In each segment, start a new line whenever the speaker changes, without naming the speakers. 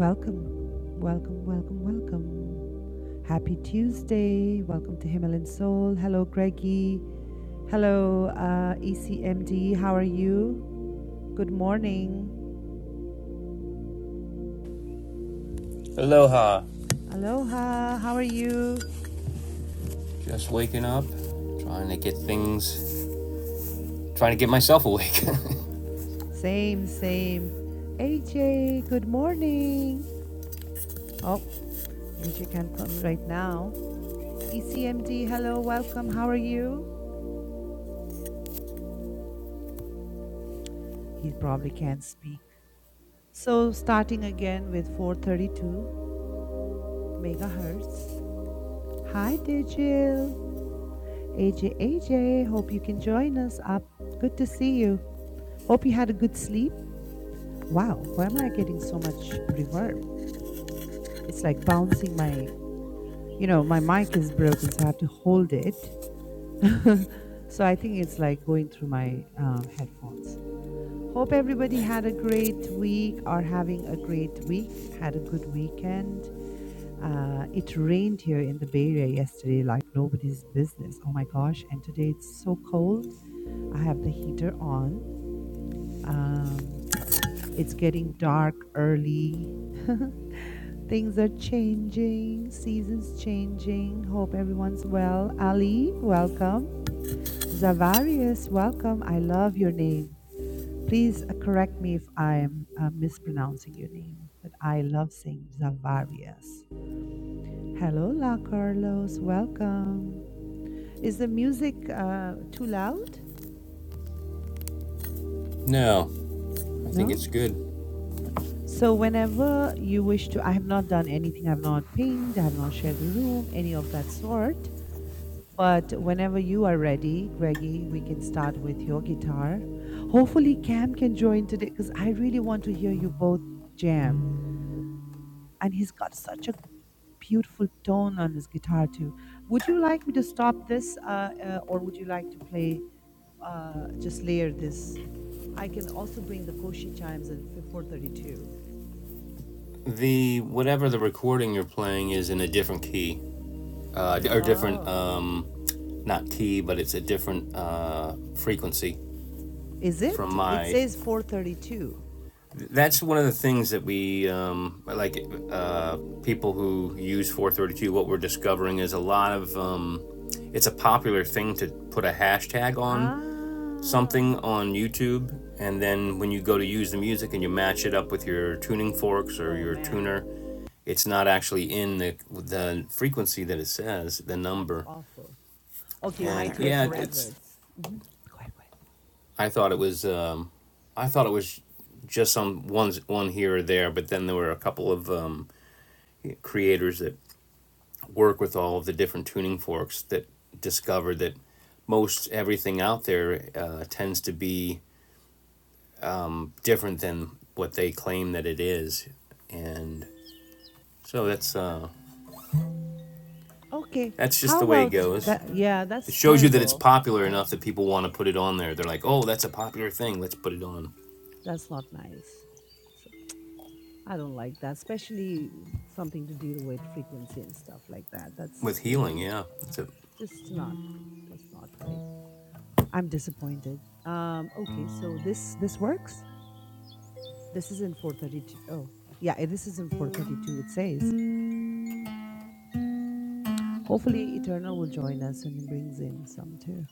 Welcome, welcome, welcome, welcome. Happy Tuesday. Welcome to Himalayan Soul. Hello, Greggy. Hello, uh, ECMD. How are you? Good morning.
Aloha.
Aloha. How are you?
Just waking up, trying to get things, trying to get myself awake.
Same, same. AJ, good morning. Oh, AJ can't come right now. ECMD, hello, welcome. How are you? He probably can't speak. So starting again with 432 megahertz. Hi, Digil. AJ, AJ, hope you can join us up. Good to see you. Hope you had a good sleep. Wow, why am I getting so much reverb? It's like bouncing my, you know, my mic is broken, so I have to hold it. so I think it's like going through my um, headphones. Hope everybody had a great week, are having a great week, had a good weekend. Uh, it rained here in the Bay Area yesterday like nobody's business. Oh my gosh. And today it's so cold. I have the heater on. Um, it's getting dark early. Things are changing, seasons changing. Hope everyone's well. Ali, welcome. Zavarius, welcome. I love your name. Please uh, correct me if I'm uh, mispronouncing your name, but I love saying Zavarius. Hello, La Carlos. Welcome. Is the music uh, too loud?
no, I think
No?
it's good.
So, whenever you wish to, I have not done anything, I have not pinged, I have not shared the room, any of that sort. But whenever you are ready, Greggy, we can start with your guitar. Hopefully, Cam can join today because I really want to hear you both jam. And he's got such a beautiful tone on his guitar, too. Would you like me to stop this uh, uh, or would you like to play? uh, just layer this. I can also bring the Koshi chimes in 432.
The whatever the recording you're playing is in a different key, uh, or different,
Oh,
um, not key, but it's a different uh, frequency
is
from
it? It
my.
says 432.
That's one of the things that we um, like. Uh, people who use 432, what we're discovering is a lot of. Um, it's a popular thing to put a hashtag on
Ah,
something on YouTube, and then when you go to use the music and you match it up with your tuning forks or
oh
your tuner,
man,
it's not actually in the the frequency that it says the
that's
number.
awful. Okay, my
And
Lather tears
yeah,
and revs.
it's
Edwards. Mm-hmm. Go ahead, go
I thought it was um, I thought it was just some ones one here or there, but then there were a couple of um, creators that work with all of the different tuning forks that discovered that most everything out there uh, tends to be different than what they claim that it is, and so that's uh,
ahead. Okay,
that's just
how
the way it
about
goes.
that? Yeah,
It
that's
shows you that it's
terrible.
popular enough that people want to put it on there. They're like, oh, that's a popular thing. Let's put it on
That's not nice. So, I don't like that, especially something to deal with frequency and stuff like that.
with
That's
healing.
really
Yeah, so
just not, that's not right. I'm disappointed. Um, okay, so this this works. This is in 432. Oh, yeah, eh, this is in 432. It says, hopefully Eternal will join us and he brings in some too.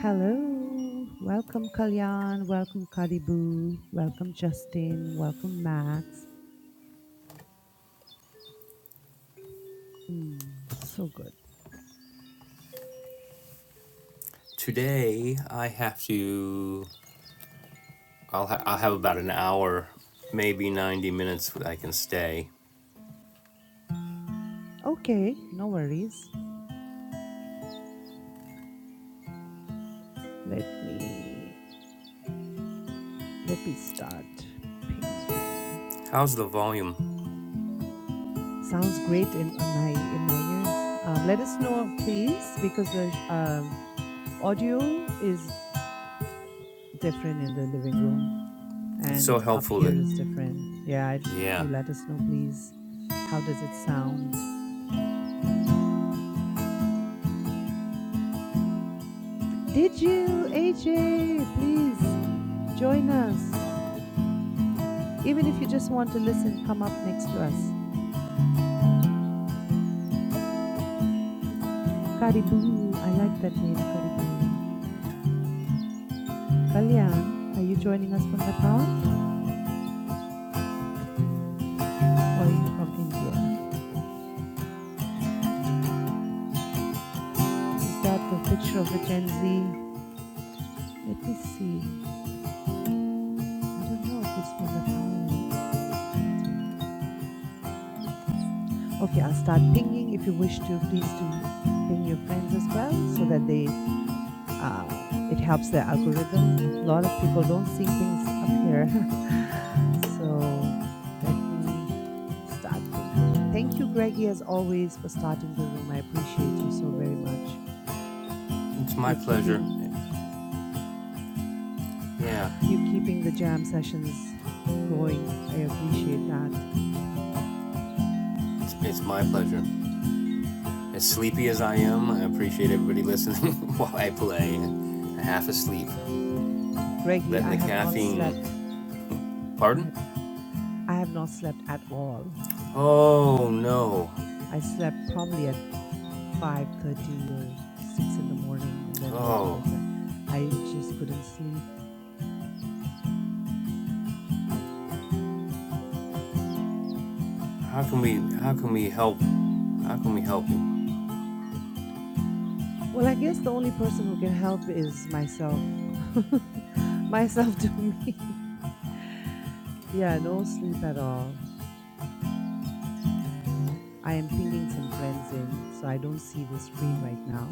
Hello, welcome Kalyan, welcome Karibu, welcome Justin, welcome Max. Mm, so good.
Today I have to. I'll ha- I'll have about an hour, maybe ninety minutes. that I can stay.
Okay, no worries. Let me let me start pinging.
How's the volume?
Sounds great in on my in my ears. Um, let us know, please, because the um, audio is different in the living room,
It's so
and up
helpful
here is
that
different. Yeah, i if
yeah,
you let us know, please, how does it sound? Digil AJ, please join us. Even if you just want to listen, come up next to us. Karibu, I like that name, Karibu. Kalyan, are you joining us from Nepal or are you from India? Is that the picture of the Gen Z? Let me see. I don't know if he's from Nepal or India. Okay, I'll start pinging. If you wish to, please do ping your friends as well, so that they uh, it helps the algorithm. A lot of people don't see things up here, so let me start pinging. Thank you, Greggy, as always, for starting the room. I appreciate you so very much.
it's my
You
pleasure.
keeping
Yeah,
you keeping the jam sessions going. I appreciate that.
it's, it's my pleasure. As sleepy as I am, I appreciate everybody listening while I play. Half asleep,
Greggy,
letting
I
the
have not slept.
caffeine.
Go
Pardon?
ahead. I have not slept at all.
Oh no!
I slept probably at 5:30 or 6 in the morning and then woke up
Oh,
at si- I just couldn't sleep.
how can we? How can we help? How can we help you?
Well, I guess the only person who can help is myself. myself to me. yeah, no sleep at all. I am pinging some friends in, so I don't see the screen right now.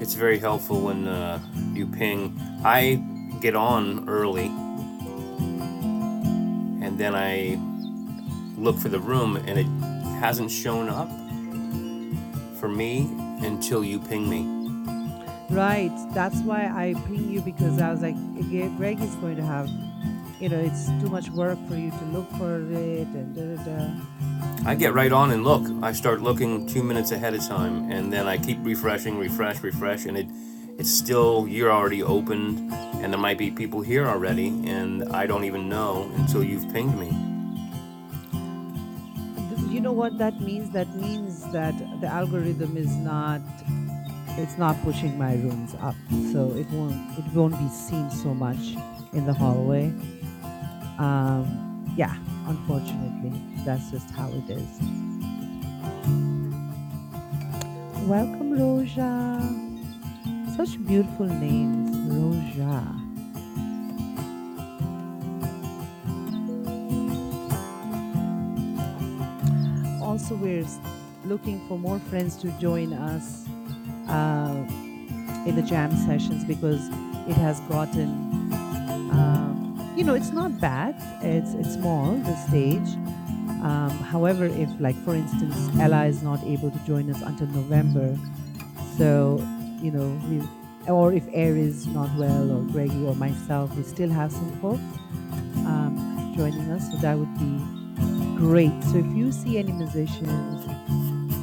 It's very helpful when uh, you ping. I get on early, and then I look for the room, and it hasn't shown up for me until you ping me.
Right. That's why I ping you because I was like, "Gre- Greg is going to have, you know, it's too much work for you to look for it and da da da.
I get right on and look. I start looking two minutes ahead of time, and then I keep refreshing, refresh, refresh, and it it's still you're already opened, and there might be people here already, and I don't even know until you've pinged me.
Th- You know what that means? That means that the algorithm is not, it's not pushing my rooms up, so it won't, it won't be seen so much in the hallway. Um, yeah, unfortunately, that's just how it is. Welcome, Roja. Such beautiful names, Roja. Also, we're s- looking for more friends to join us uh, in the jam sessions because it has gotten, uh, you know, it's not bad. It's it's small the stage. Um, however, if like for instance Ella is not able to join us until November, so you know we or if Air is not well or Greggy or myself, we still have some folks um, joining us. So that would be great. So if you see any musicians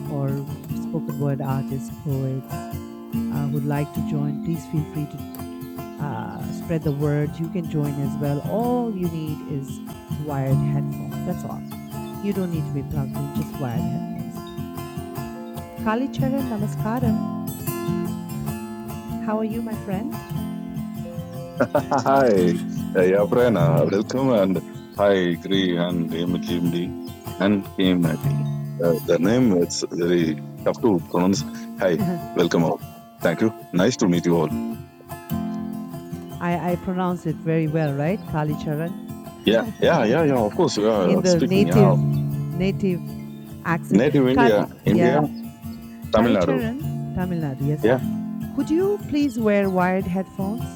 or spoken word artists, poets uh, who'd like to join, please feel free to uh, spread the word. You can join as well. All you need is wired headphones. That's all. You don't need to be plugged in, just wired headphones. Kali Charan Namaskaram. How are you, my friend?
Ah, Hi, uh, yeah, Prerna, welcome and hi, Gri and MGMD and KMIT. Uh, the name it's very tough to pronounce. Hi,
I,
welcome all. Thank you. Nice to meet you all.
I, I pronounce it very well, right? Kali Charan.
Yeah, yeah, yeah, yeah. Of course, yeah.
in the
Speaking, yeah.
native native accent.
Native
Kal-
India, India,
yeah,
Tamil Nadu.
Kalicharan, Tamil Nadu. Yes,
Yeah,
Could you please wear wired headphones?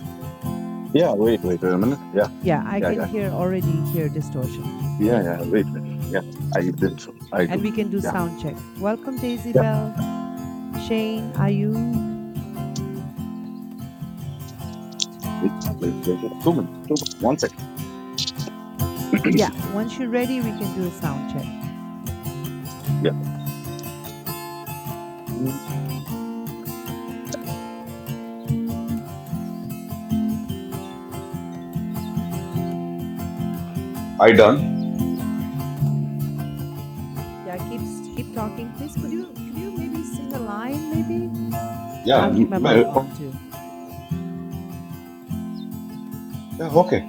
yeah. Wait, wait a minute. Yeah,
Yeah, I
yeah,
can
yeah,
hear already hear distortion.
yeah, yeah. Wait, wait, wait. yeah. I did so. I
And
do.
we can do
Yeah,
sound check. Welcome, Daisy
yeah.
Bell, Shane, Ayub.
Wait, wait, wait. Two minutes. Two minutes. One second.
Yeah, once you're ready, we can do a sound check.
yeah. I done.
Yeah, keep keep talking. Please, could you could you maybe sing a line? Maybe I'll keep my
Yeah,
mic on too.
Yeah, okay.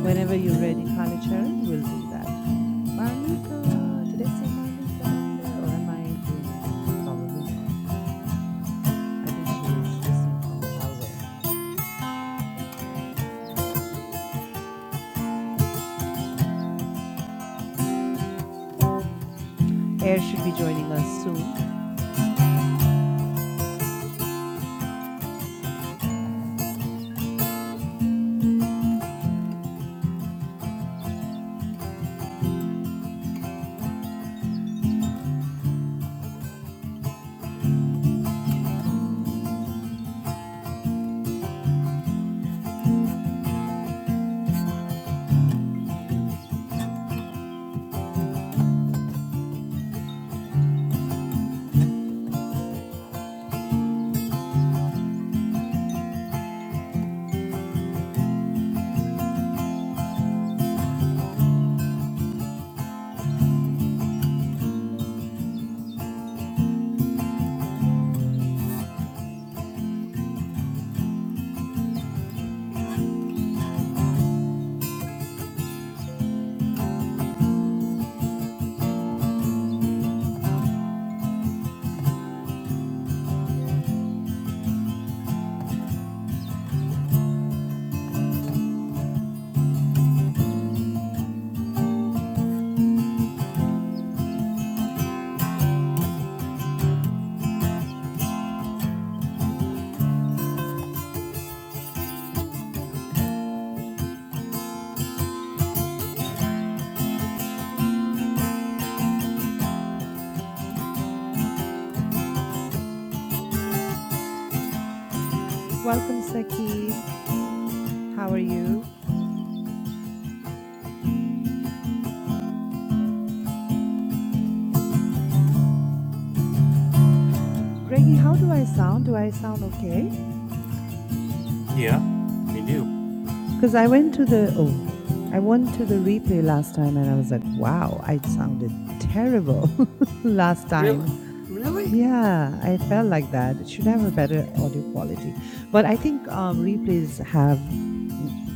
Whenever you're ready, Kali Sharon, we'll do that. Marlita, did I see Marlita down there, or am I dreaming? Probably not. I think she was listening from the hallway. Air should be joining us soon. Welcome, Saqib. How are you? Greggy, how do I sound? Do I sound okay?
Yeah, you do.
Because I went to the oh, I went to the replay last time and I was like, wow, I sounded terrible last
Really?
time.
Really?
Yeah, I felt like that. It should have a better audio quality, but I think um, replays have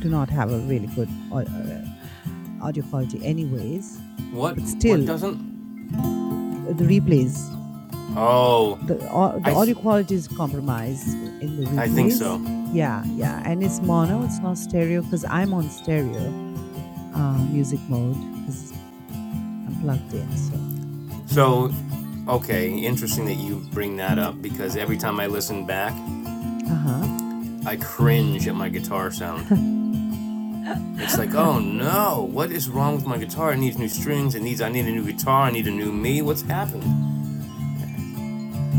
do not have a really good au- uh, audio quality, anyways.
What?
But
What
still,
doesn't?
the replays
Oh,
the au- the
I,
audio quality is compromised in the
I think
replays.
so.
Yeah, yeah, and it's mono. It's not stereo because I'm on stereo uh, music mode because I'm plugged in. So,
So, okay, interesting that you bring that up because every time I listen back,
uh huh.
I cringe at my guitar sound. It's like, oh no, what is wrong with my guitar? It needs new strings. It needs. I need a new guitar. I need a new me. What's happened?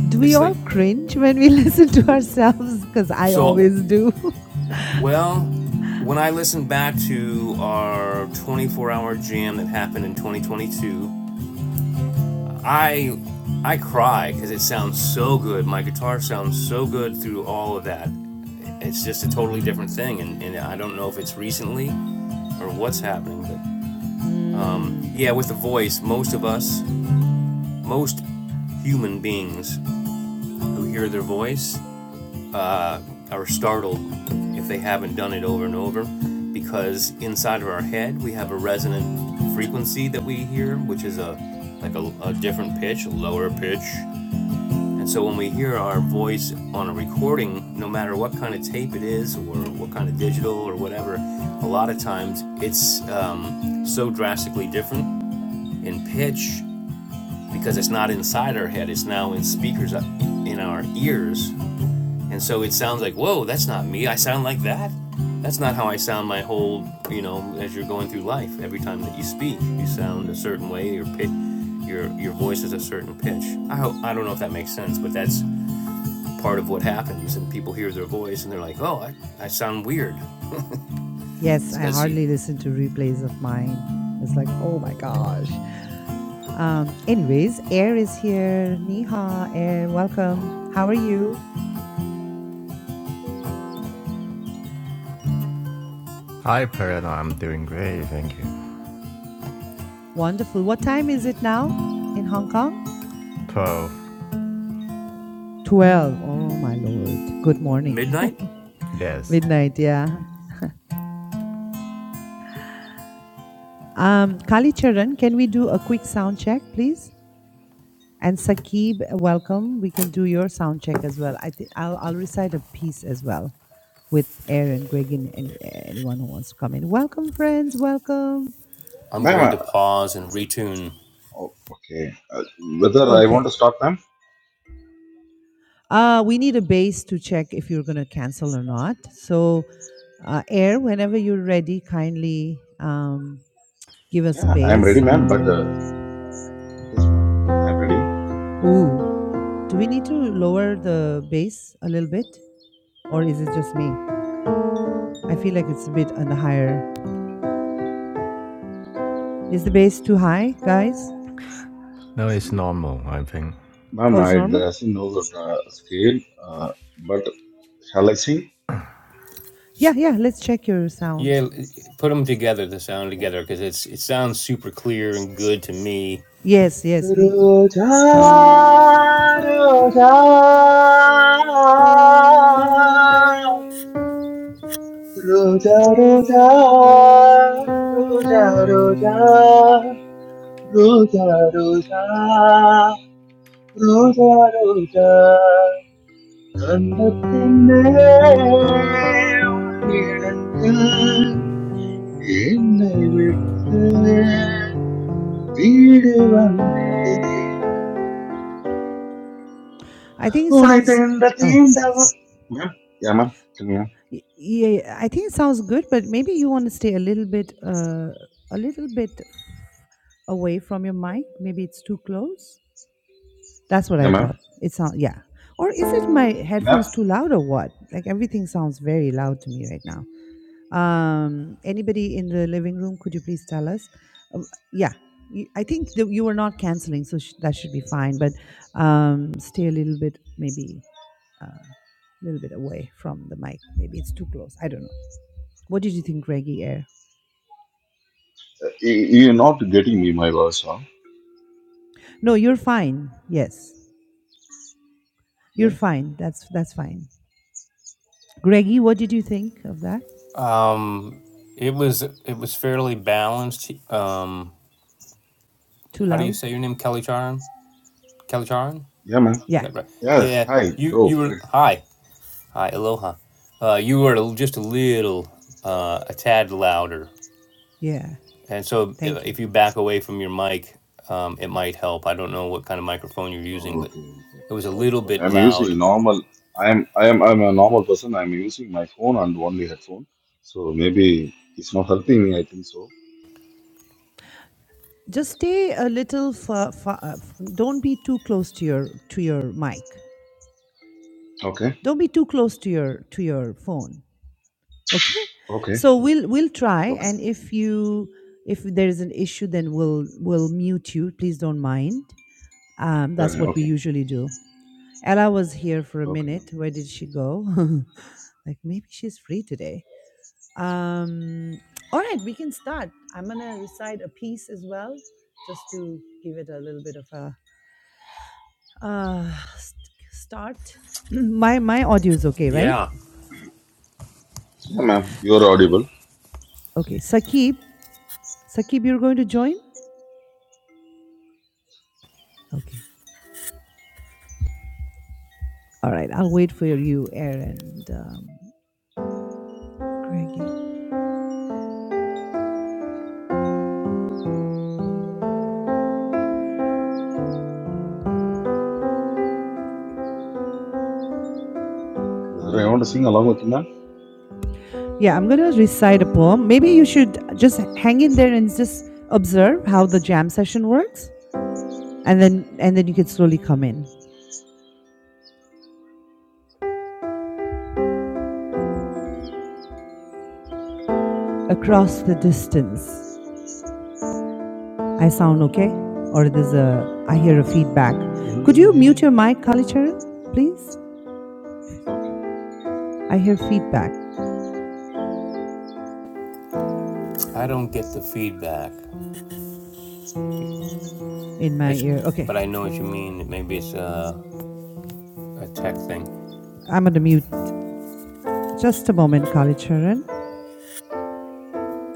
Do we
It's like,
all cringe when we listen to ourselves? Because I
so
always do.
well. When I listen back to our 24-hour jam that happened in 2022, I I cry because it sounds so good. My guitar sounds so good through all of that. It's just a totally different thing, and, and I don't know if it's recently or what's happening, but
Mm.
yeah, with the voice, most of us, most human beings who hear their voice uh, are startled if they haven't done it over and over because inside of our head we have a resonant frequency that we hear which is a like a, a different pitch a lower pitch and so when we hear our voice on a recording no matter what kind of tape it is or what kind of digital or whatever a lot of times it's um, so drastically different in pitch because it's not inside our head it's now in speakers uh, in our ears and so it sounds like, whoa, that's not me. I sound like that. That's not how I sound my whole, you know, as you're going through life. Every time that you speak, you sound a certain way. Your pitch, your your voice is a certain pitch. I hope, I don't know if that makes sense, but that's part of what happens. And people hear their voice and they're like, oh, I, I sound weird.
Yes,
It's
I
because you
hardly listen to replays of mine. It's like, oh my gosh. Um, anyways, Air is here. Niha, Air, welcome. How are you?
Hi, Perna. I'm doing great. Thank you.
Wonderful. What time is it now in Hong Kong?
12.
12. Oh, my Lord. Good morning.
midnight.
Yes.
Midnight, yeah. Um, Kali Charan, can we do a quick sound check, please? And Sakib, welcome. We can do your sound check as well. I think I'll, I'll recite a piece as well with Aaron, Greg, and any, anyone who wants to come in. Welcome, friends. Welcome.
I'm
Ma'am,
going
uh,
to pause and retune.
oh, okay. Uh, whether I want
Okay.
to start, ma'am?
Uh, we need a base to check if you're going to cancel or not. So, uh, Air, whenever you're ready, kindly um, give us a base. Ooh, do we need to lower the bass a little bit, or is it just me? I feel like it's a bit on the higher. Is the bass too high, guys?
No, it's normal, I think.
Oh, it's normal. Yeah, yeah. Let's check your sound.
Yeah, put them together, the sound together, because it's it sounds super clear and good to me
Yes, yes. We,
Roja, roja, roja, roja, roja, roja, roja, roja, roja, roja, കണ്ടത്തിൻ്റെ ഉള്ളിടത്തിൽ എന്നെ വിട്ട് We live under
I think it
one
sounds.
tender,
Oh,
tender roof.
sorry. Y- yeah. I think it sounds good, but maybe you want to stay a little bit, uh, a little bit away from your mic. Maybe it's too close. That's what I thought. It sounds yeah. Or is it my headphones too loud or what? Like everything sounds very loud to me right now. Um, anybody in the living room, could you please tell us? Um, yeah, you, I think that you were not canceling, so sh- that should be fine. But um, stay a little bit, maybe uh, a little bit away from the mic. Maybe it's too close. I don't know. What did you think, Greggy Air? No, you're fine. Yes, you're fine. That's that's fine. Greggy, what did you think of that?
Um, it was it was fairly balanced. Um,
Too
how do
loud?
you say your name? Kelly Charon. Kelly Charon. Is
Yeah.
that right? Yeah. You you were hi hi aloha. Uh, you were a- just a little uh, a tad louder,
Yeah.
and so i-
Thank you.
if you back away from your mic, um, it might help. I don't know what kind of microphone you're using, but it was a little bit loud.
Just stay a little. Fa- fa- uh, f- don't be too close to your to your mic. Don't be too close to your to your phone. Okay. So we'll we'll try, and if you if there is an issue, then we'll we'll mute you. Please don't mind. Um, that's what we usually do. Ella was here for a minute. Where did she go? like maybe she's free today. Um, all right, we can start. I'm going to recite a piece as well, just to give it a little bit of a uh, st- start. my my audio is okay, right?
Yeah.
Okay, Sakib, Sakib, you're going to join. Okay, all right. I'll wait for you, Aaron, and um, Greggy. Yeah, I'm going to recite a poem. Maybe you should just hang in there and just observe how the jam session works, and then and then you can slowly come in across the distance I sound okay? Or there's a, I hear a feedback. Could you mute your mic, Kalicharan, please? I hear feedback
I don't get the feedback.
in my
It's
ear. Okay.
but I know what you mean. Maybe it's a a tech thing.
I'm going to mute. Just a moment, Kalicharan.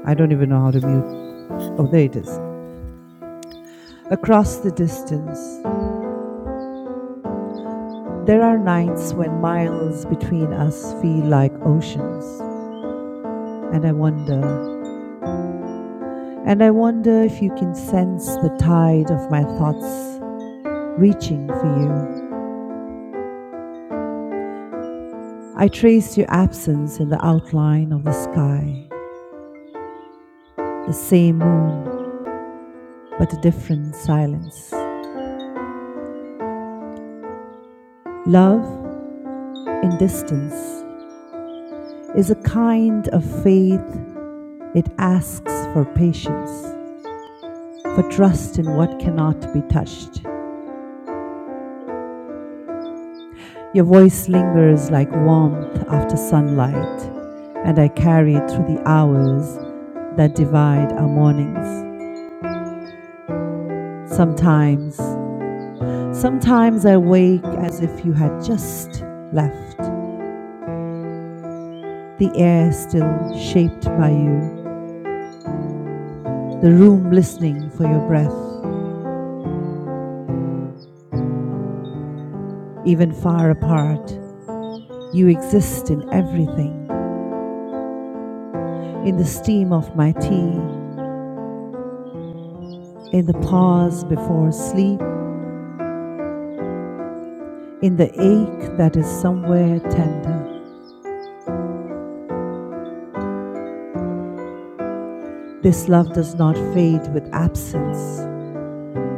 I don't even know how to mute. Oh, there it is. Across the distance, there are nights when miles between us feel like oceans. And I wonder, and I wonder if you can sense the tide of my thoughts reaching for you. I traced your absence in the outline of the sky, the same moon, but a different silence. Love in distance is a kind of faith. It asks for patience, for trust in what cannot be touched. Your voice lingers like warmth after sunlight, and I carry it through the hours that divide our mornings. Sometimes Sometimes I wake as if you had just left, the air still shaped by you, the room listening for your breath, even far apart. You exist in everything in the steam of my tea, in the pause before sleep, in the ache that is somewhere tender. This love does not fade with absence,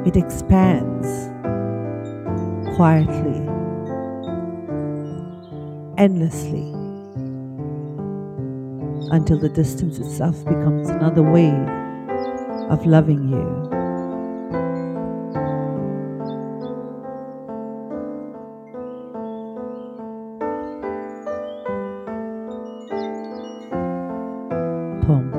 it expands quietly, endlessly. until the distance itself becomes another way of loving you. Poem.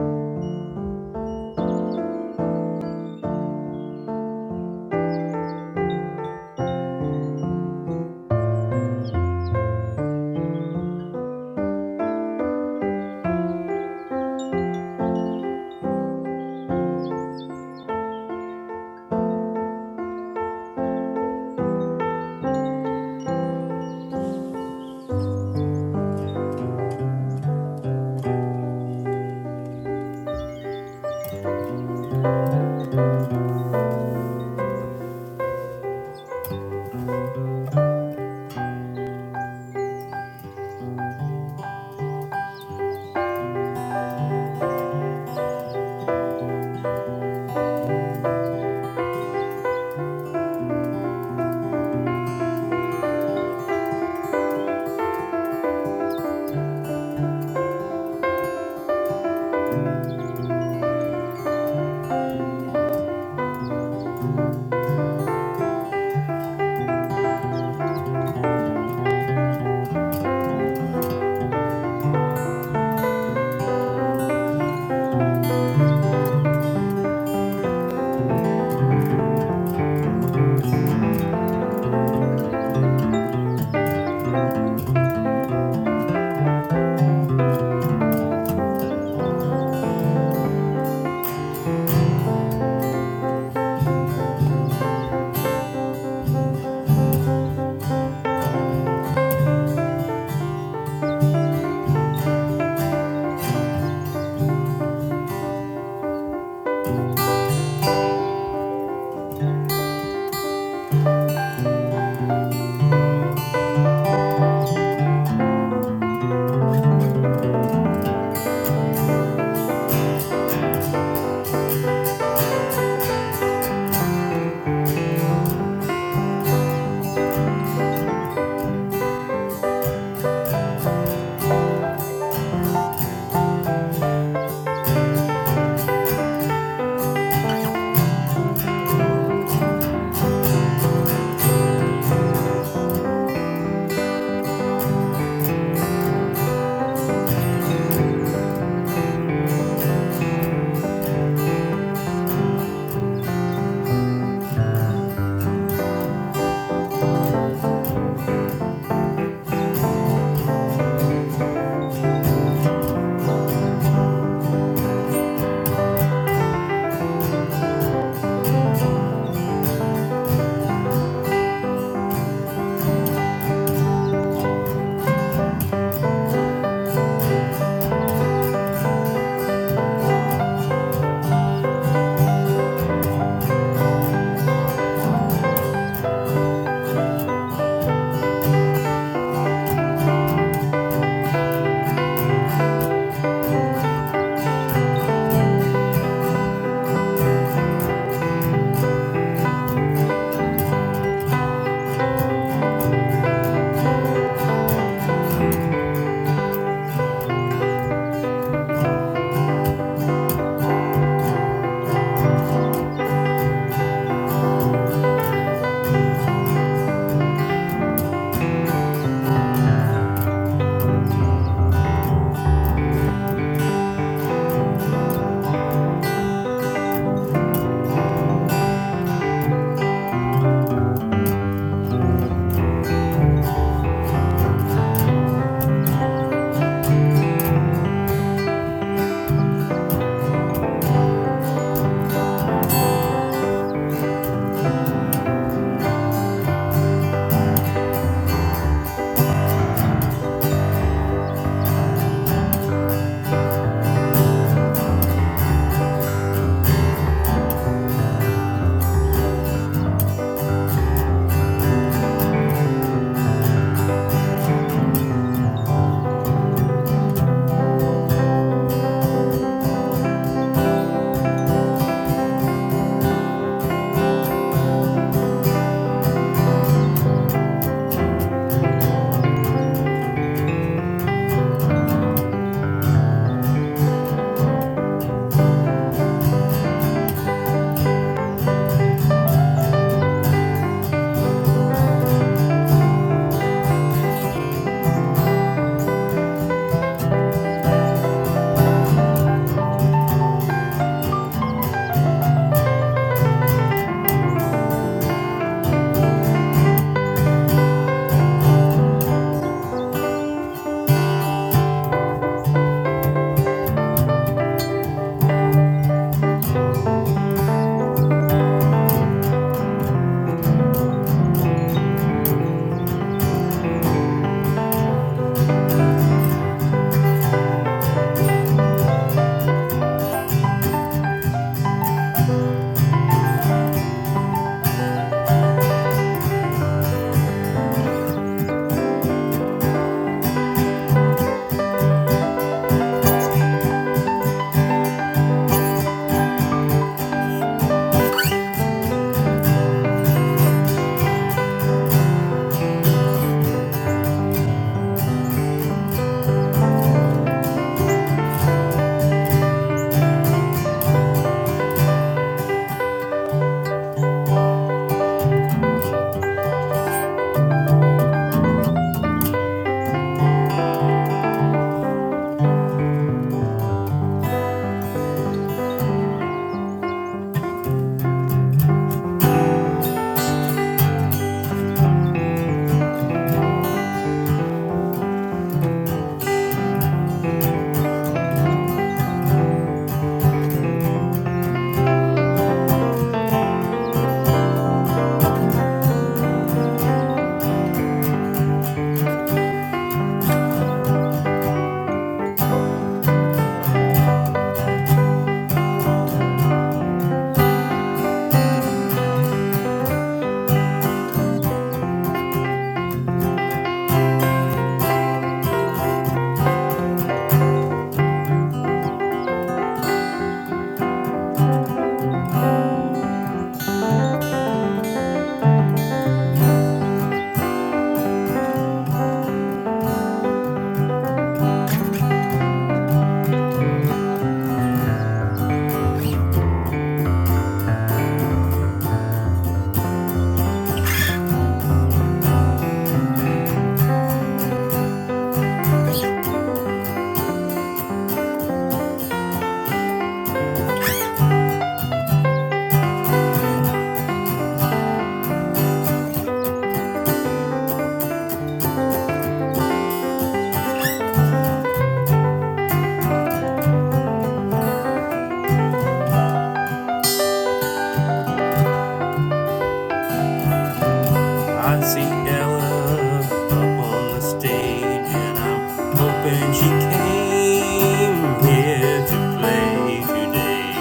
I see Ella up on the stage, and I'm hoping she came here to play today.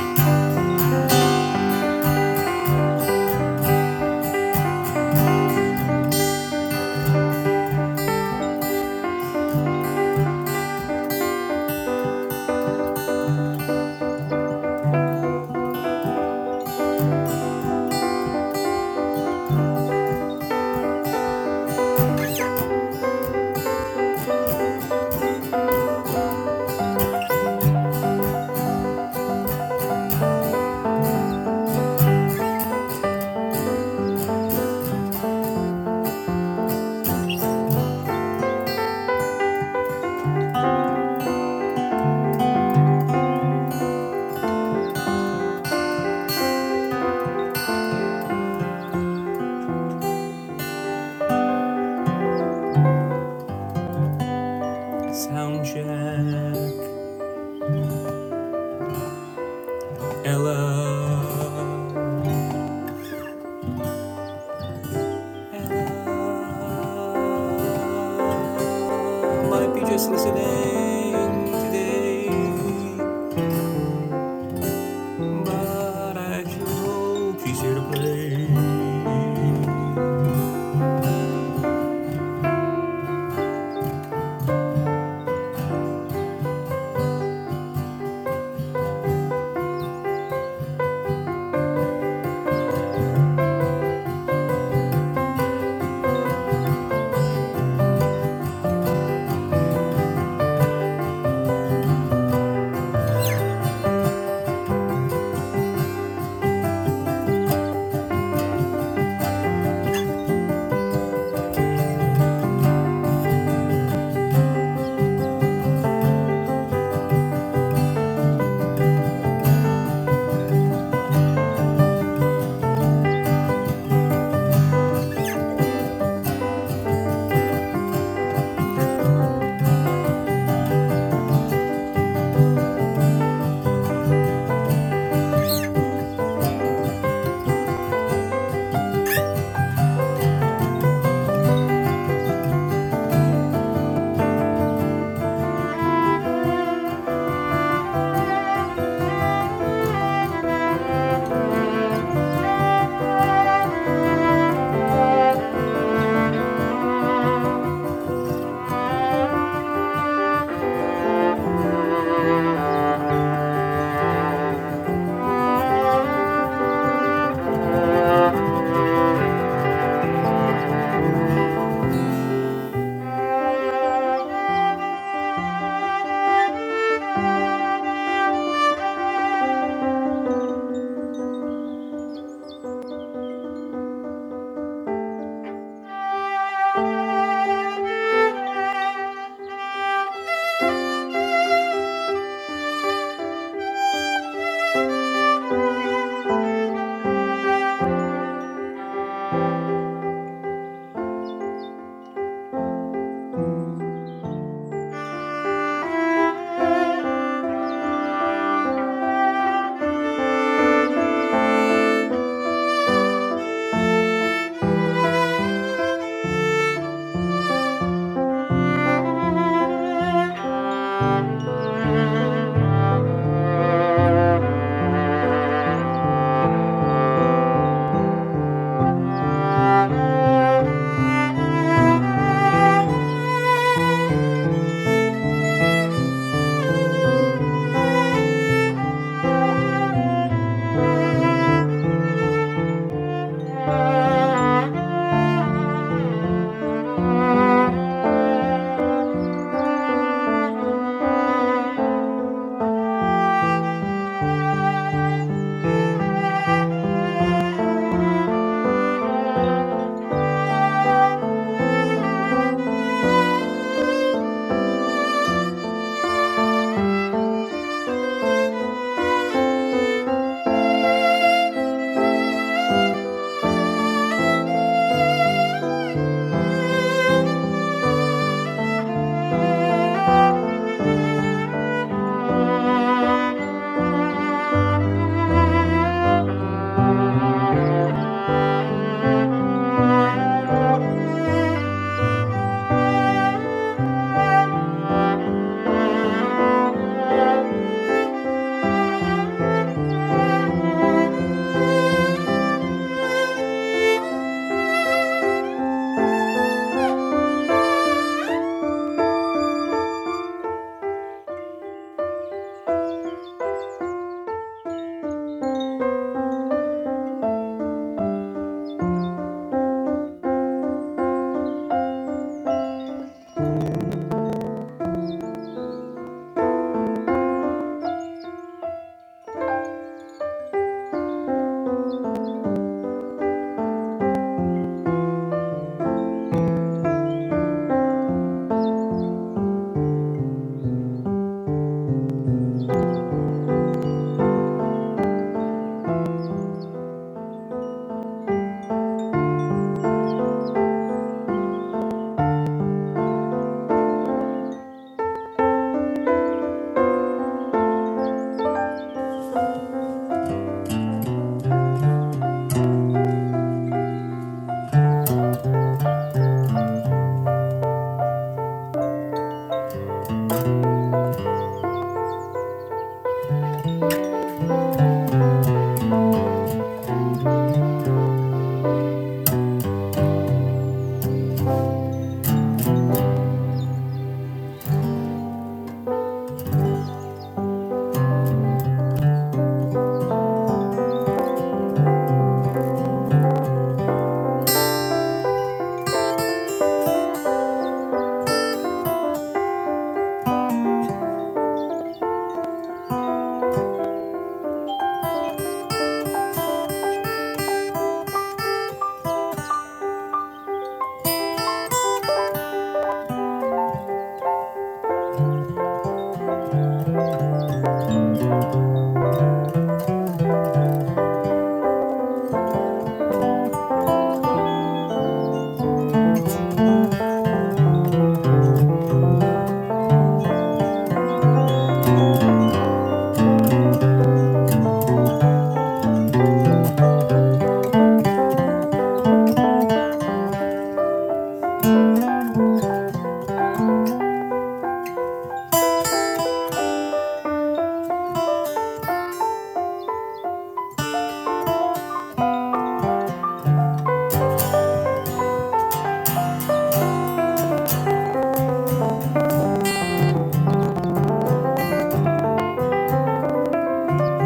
Soundcheck, Ella. Ella might be just listening today, but I sure hope she's here to play.
Thank you. Thank you. Thank you. Thank you. Thank you.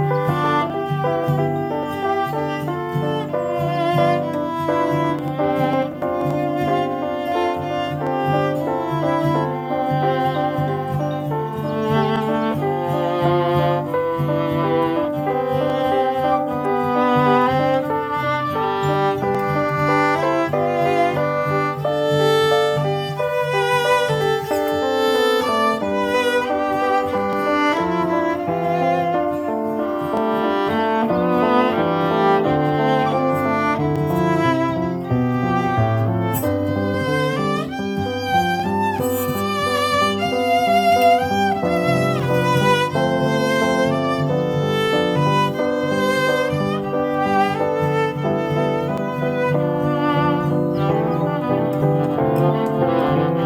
Thank you.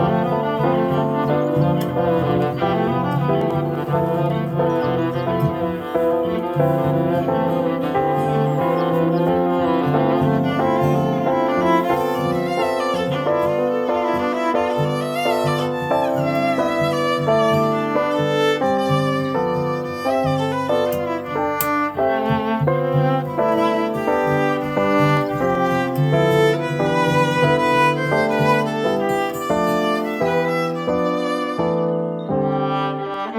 Thank you. Thank you. Thank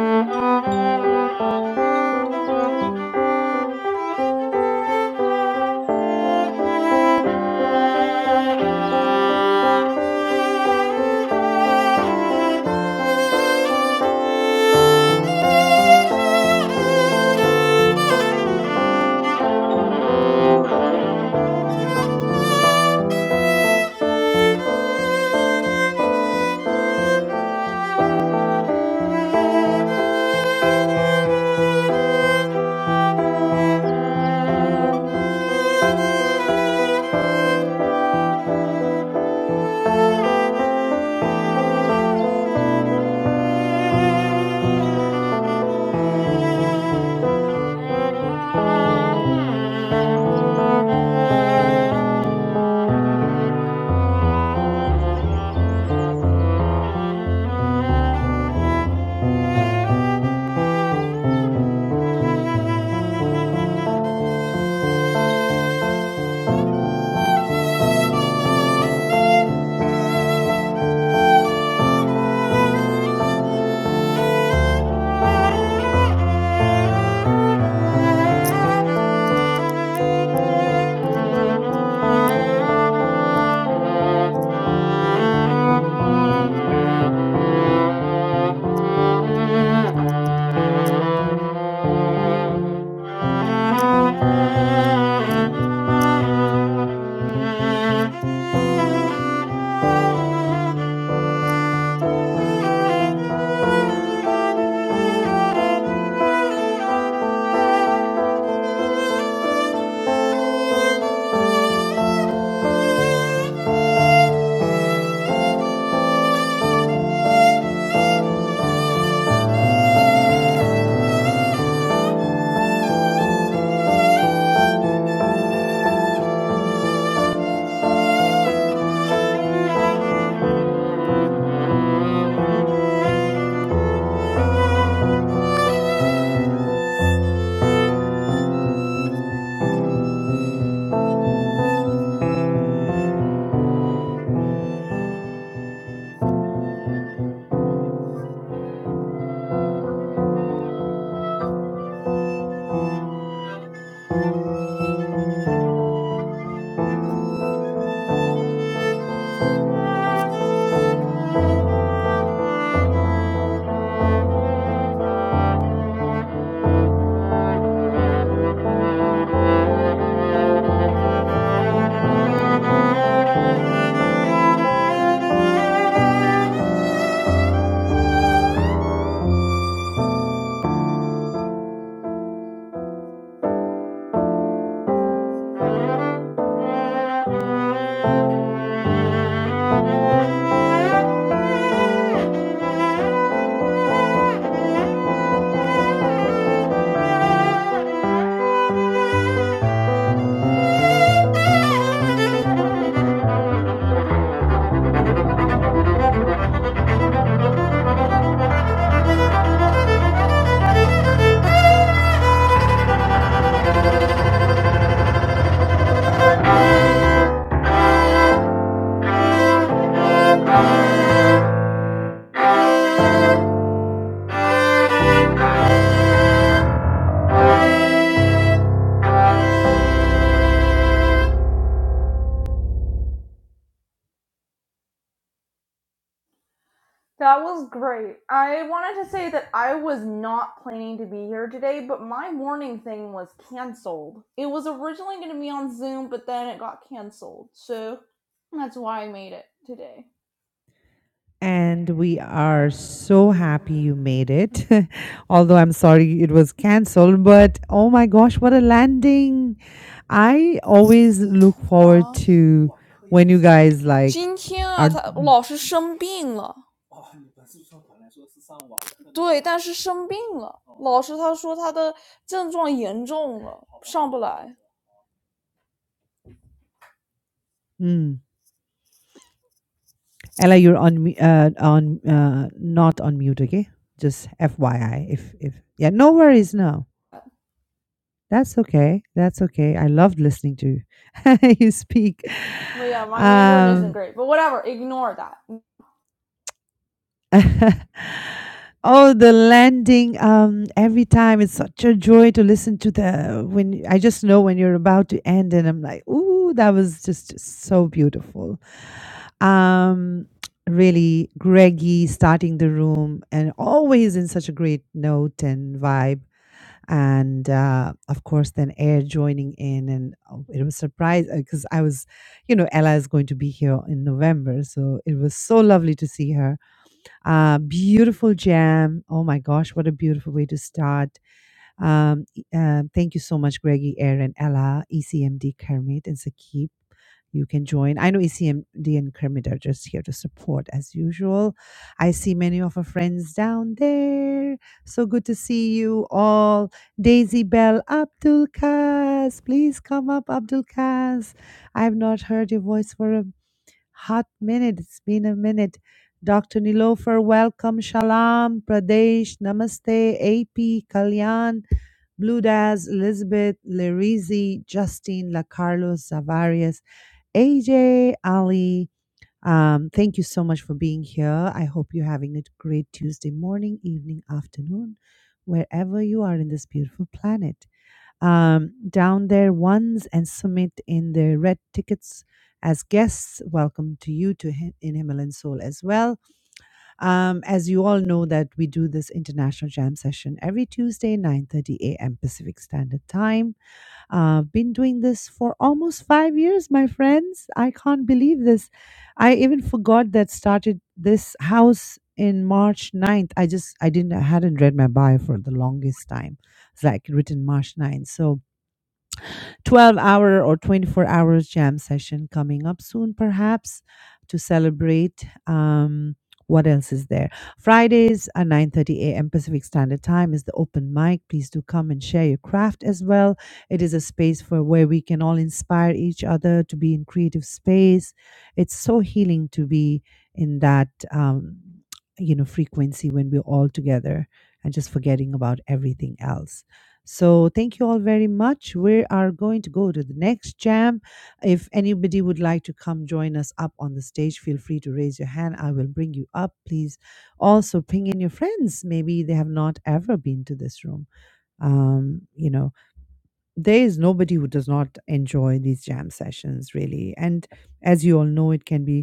you. Thank you. Thank you. Thank you. Thank you. Thank you. That was great. I wanted to say that I was not planning to be here today, but my morning thing was canceled. It was originally going to be on Zoom, but then it got canceled. So that's why I made it today.
And we are so happy you made it. Although I'm sorry it was cancelled, but oh my gosh, what a landing! I always look forward to when you guys like are.
啊，今天啊，他老师生病了，对，但是生病了。老师他说他的症状严重了，
Mm. Ella, you're on mu- uh, on uh, not on mute, okay? Just FYI, if if yeah, no worries, no. That's okay. That's okay. I loved listening to you speak.
But yeah, my Mandarin isn't
Um,
great. But whatever, ignore that.
oh, the landing. Um, every time it's such a joy to listen to the when I just know when you're about to end, and I'm like, ooh, that was just so beautiful. Um, really, Greggy starting the room and always in such a great note and vibe. And uh, of course, then Air joining in, and oh, it was surprise because I was, you know, Ella is going to be here in November, so it was so lovely to see her uh, beautiful jam. Oh my gosh, what a beautiful way to start. Um, e- um, thank you so much, Greggy, Aaron, Ella, ECMD, Kermit, and Sakib. You can join. I know ECMD and Kermit are just here to support as usual. I see many of our friends down there. So good to see you all. Daisy Bell, Abdul Kaz, please come up, Abdul Kaz. I have not heard your voice for a Hot minute. It's been a minute. Dr. Nilofer, welcome. Shalom, Pradesh, Namaste, AP, Kalyan, Blue Bludaz, Elizabeth, Lerizi, Justine, La Carlos, Zavarius, AJ, Ali. Um, thank you so much for being here. I hope you're having a great Tuesday morning, evening, afternoon, wherever you are in this beautiful planet um, down there once and Sumit in the red tickets as guests. Welcome to you to Hi- in Himalayan Soul as well. Um, as you all know that we do this international jam session every Tuesday, 9.30 a.m. Pacific Standard Time. Uh, I've been doing this for almost five years, my friends. I can't believe this. I even forgot that started this house in March ninth. I just, I didn't, I hadn't read my bio for the longest time. It's like written March ninth, So 12 hour or 24 hours jam session coming up soon, perhaps, to celebrate. Um, what else is there? Fridays at 9:30 a.m. Pacific Standard Time is the open mic. Please do come and share your craft as well. It is a space for where we can all inspire each other to be in creative space. It's so healing to be in that um, you know frequency when we're all together and just forgetting about everything else. So thank you all very much. We are going to go to the next jam. If anybody would like to come join us up on the stage, feel free to raise your hand. I will bring you up. Please also ping in your friends. Maybe they have not ever been to this room. Um, you know, there is nobody who does not enjoy these jam sessions, really. And as you all know, it can be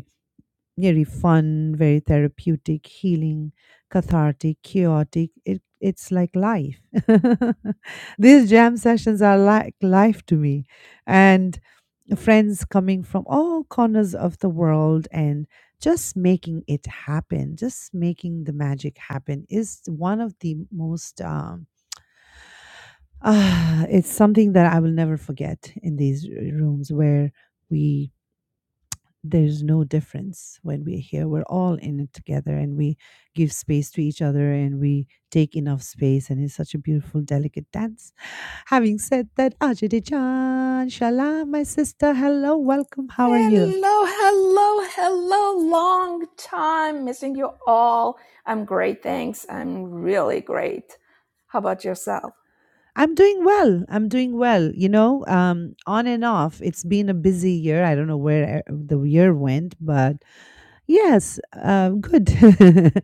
very fun, very therapeutic, healing, cathartic, chaotic. It, it's like life. These jam sessions are like life to me. And friends coming from all corners of the world and just making it happen, just making the magic happen is one of the most, um, ah, it's something that I will never forget in these r- rooms where we there's no difference when we're here. We're all in it together and we give space to each other and we take enough space. And it's such a beautiful, delicate dance. Having said that, Ajay Chan, Shalom, my sister. Hello, welcome. How are you?
Hello, hello, hello. Long time missing you all. I'm great, thanks. I'm really great. How about yourself?
I'm doing well. I'm doing well. You know, um, on and off. It's been a busy year. I don't know where uh, the year went, but yes, um, good,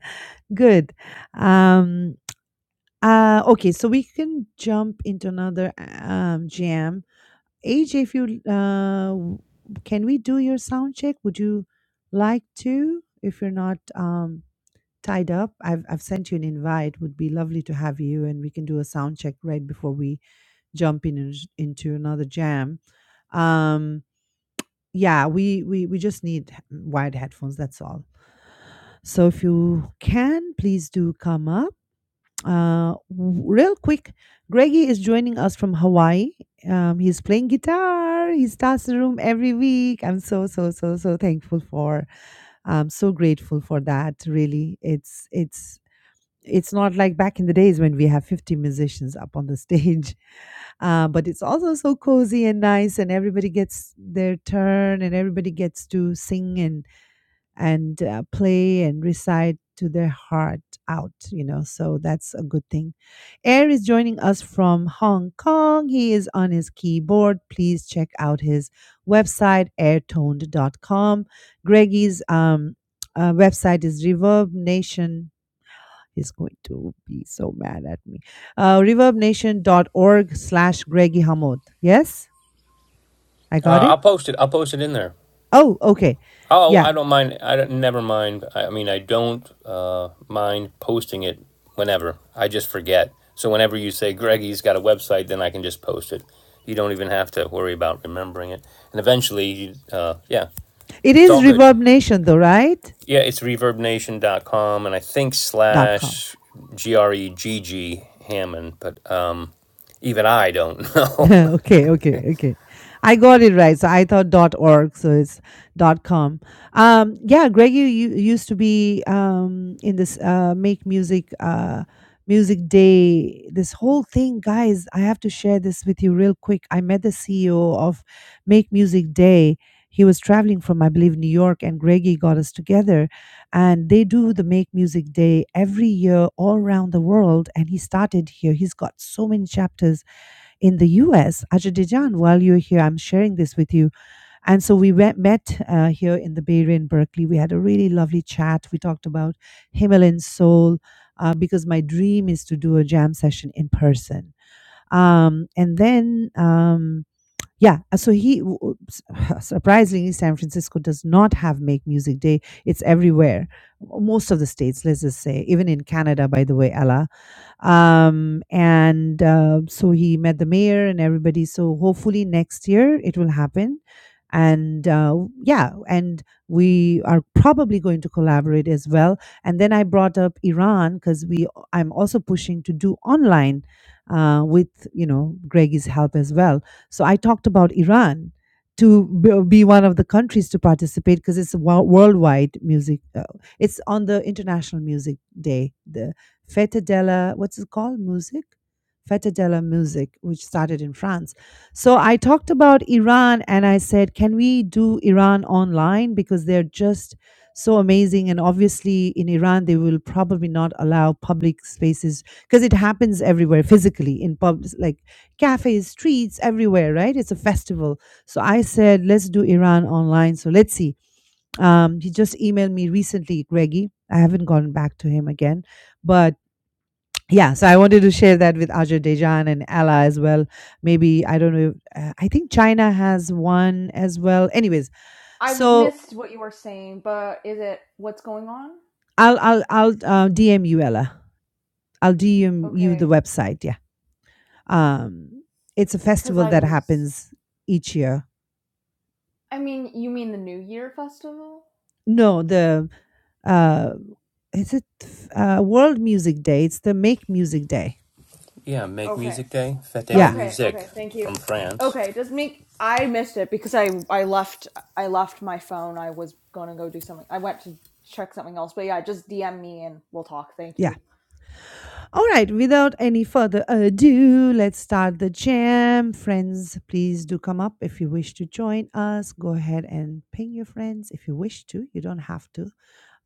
good. Um, Uh, okay, so we can jump into another uh, um, jam. AJ, if you uh, w- can we do your sound check? Would you like to? If you're not um, tied up, I've I've sent you an invite. Would be lovely to have you, and we can do a sound check right before we jump in and sh- into another jam. Um, yeah, we we we just need h- wired headphones. That's all. So if you can, please do come up uh, w- real quick, Greggy is joining us from Hawaii. Um, he's playing guitar. He starts the room every week. I'm so so so so thankful for. I'm so grateful for that. Really, it's it's it's not like back in the days when we have 50 musicians up on the stage, uh, but it's also so cozy and nice, and everybody gets their turn, and everybody gets to sing and and uh, play and recite to their heart out, you know, so that's a good thing. Air is joining us from Hong Kong. He is on his keyboard. Please check out his website, airtoned.com. Greggy's um, uh, website is Reverb Nation. He's going to be so mad at me. Uh, reverbnation.org slash Greggy Hamod. Yes, I got
Uh,
it.
I'll post it. I'll post it in there.
Oh, okay.
Oh,
Yeah.
I don't mind. I don't, never mind. I, I mean, I don't uh, mind posting it whenever. I just forget. So whenever you say Greggy's got a website, then I can just post it. You don't even have to worry about remembering it. And eventually, uh, yeah,
It
it's
is
all good.
Reverb Nation, though, right?
Yeah, it's reverbnation.com and I think
Dot com.
slash G R E G G Hammond, but um, even I don't know.
okay, okay, okay. I got it right. So I thought dot org, so it's dot com. Um, yeah, Greg, you, you used to be um in this uh make music uh music day. This whole thing, guys. I have to share this with you real quick. I met the CEO of Make Music Day. He was traveling from, I believe, New York, and Greggy got us together. And they do the Make Music Day every year all around the world. And he started here. He's got so many chapters in the US, Azerbaijan, while you're here, I'm sharing this with you. And so we went, met uh, here in the Bay Area in Berkeley. We had a really lovely chat. We talked about Himalayan soul uh, because my dream is to do a jam session in person. Um, and then, um, yeah, uh, so he, w- w- s- surprisingly, San Francisco does not have Make Music Day. It's everywhere, most of the states, let's just say, even in Canada, by the way, Ella um, and uh, so he met the mayor and everybody. So hopefully next year it will happen, and uh, yeah, and we are probably going to collaborate as well. And then I brought up Iran because we I'm also pushing to do online uh, with you know Greggy's help as well. So I talked about Iran to b- be one of the countries to participate because it's a wo- worldwide music. Uh, it's on the International Music Day, The Feta della, what's it called? Music? Feta della Music, which started in France. So I talked about Iran and I said, can we do Iran online? Because they're just so amazing. And obviously, in Iran, they will probably not allow public spaces because it happens everywhere physically in pubs, like cafes, streets, everywhere, right? It's a festival. So I said, let's do Iran online. So let's see. Um, he just emailed me recently, Greggy. I haven't gone back to him again, but yeah so i wanted to share that with azerbaijan and Ella as well maybe i don't know uh, i think china has one as well anyways
I
so
missed what you were saying, but is it what's going on?
i'll i'll i'll uh, dm you ella i'll dm you the
Okay.
website yeah um it's a
Because
festival
I
that
was.
happens each year
I mean, you mean the New Year festival?
no the uh is it uh world music day it's the make music day
yeah, Make
Okay.
Music Day, Fête de la
yeah
Okay.
Musique
Okay. Thank you.
from France.
Okay. Just make. I missed it because I I left I left my phone. I was gonna go do something. I went to check something else. But yeah, just DM me and we'll talk. Thank
yeah
you.
All right, without any further ado, let's start the jam. Friends, please do come up if you wish to join us. Go ahead and ping your friends if you wish to. You don't have to.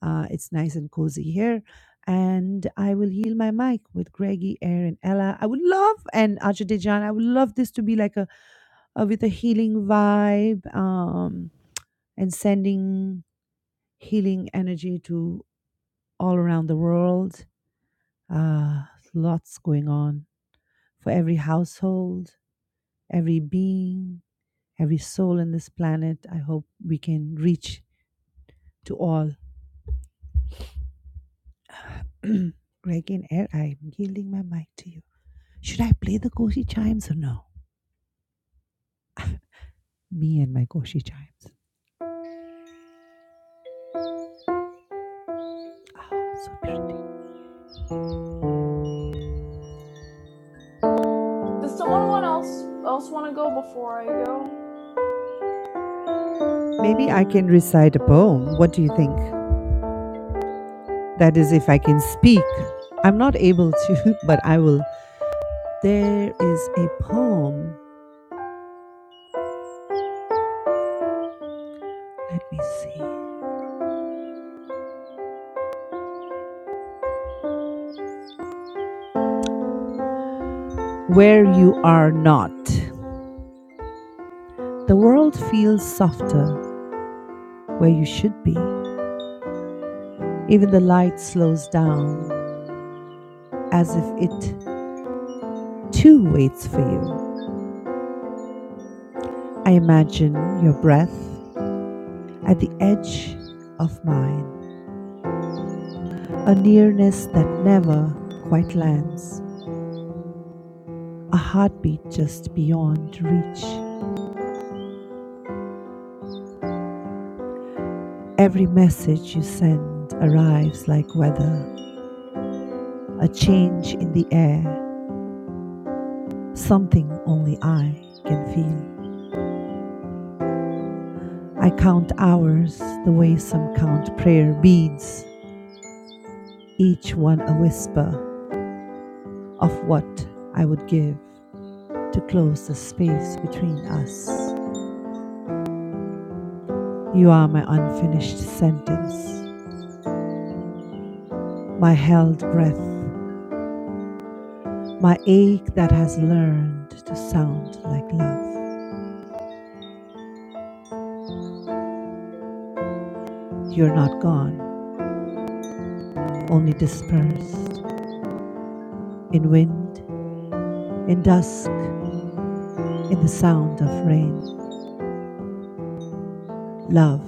Uh, it's nice and cozy here. And I will heal my mic with Greggy, Aaron, Ella. I would love, and Ajadijan, I would love this to be like a, a with a healing vibe um, and sending healing energy to all around the world. Uh, lots going on for every household, every being, every soul in this planet. I hope we can reach to all. Greg in air, I'm yielding my mic to you. Should I play the Koshi chimes or no? Me and my Koshi chimes. So pretty.
Does someone else else want to go before I go?
Maybe I can recite a poem. What do you think? That is, if I can speak. I'm not able to, but I will. There is a poem. Let me see. Where you are not. The world feels softer where you should be. Even the light slows down as if it too waits for you. I imagine your breath at the edge of mine, a nearness that never quite lands, a heartbeat just beyond reach. Every message you send arrives like weather, a change in the air, something only I can feel. I count hours the way some count prayer beads each one a whisper of what I would give to close the space between us. You are my unfinished sentence, my held breath, my ache that has learned to sound like love. You're not gone, only dispersed in wind, in dusk, in the sound of rain. Love,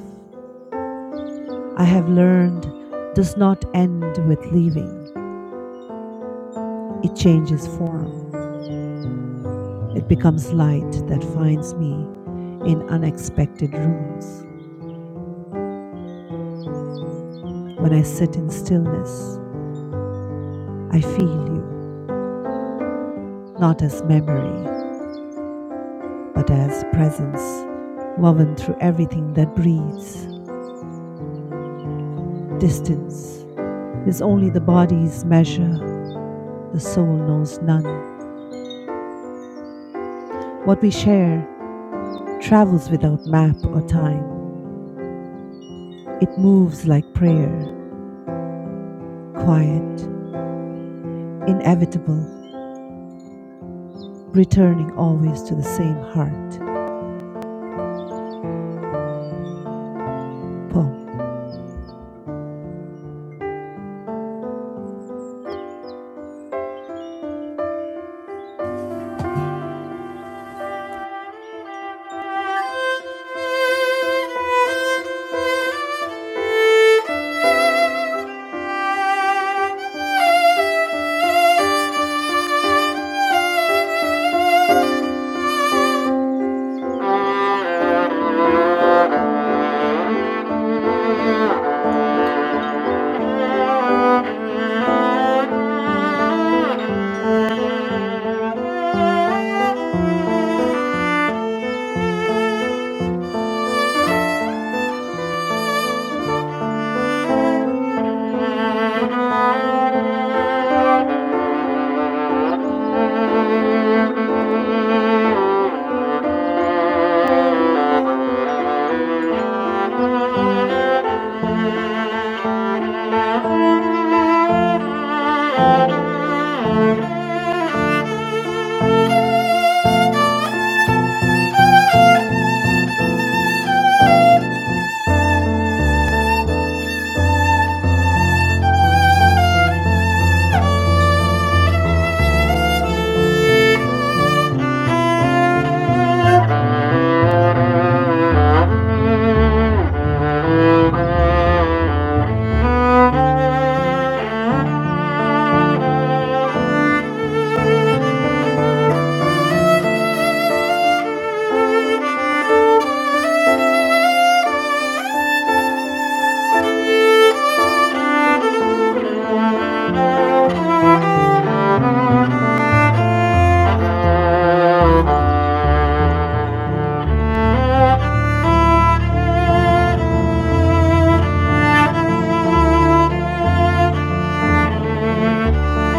I have learned, does not end with leaving, it changes form. It becomes light that finds me in unexpected rooms. When I sit in stillness, I feel you, not as memory, but as presence woven through everything that breathes. Distance is only the body's measure, the soul knows none. What we share travels without map or time. It moves like prayer, quiet, inevitable, returning always to the same heart. Poem.
Thank you. Thank you. Thank you. Thank you. Thank you. Thank you.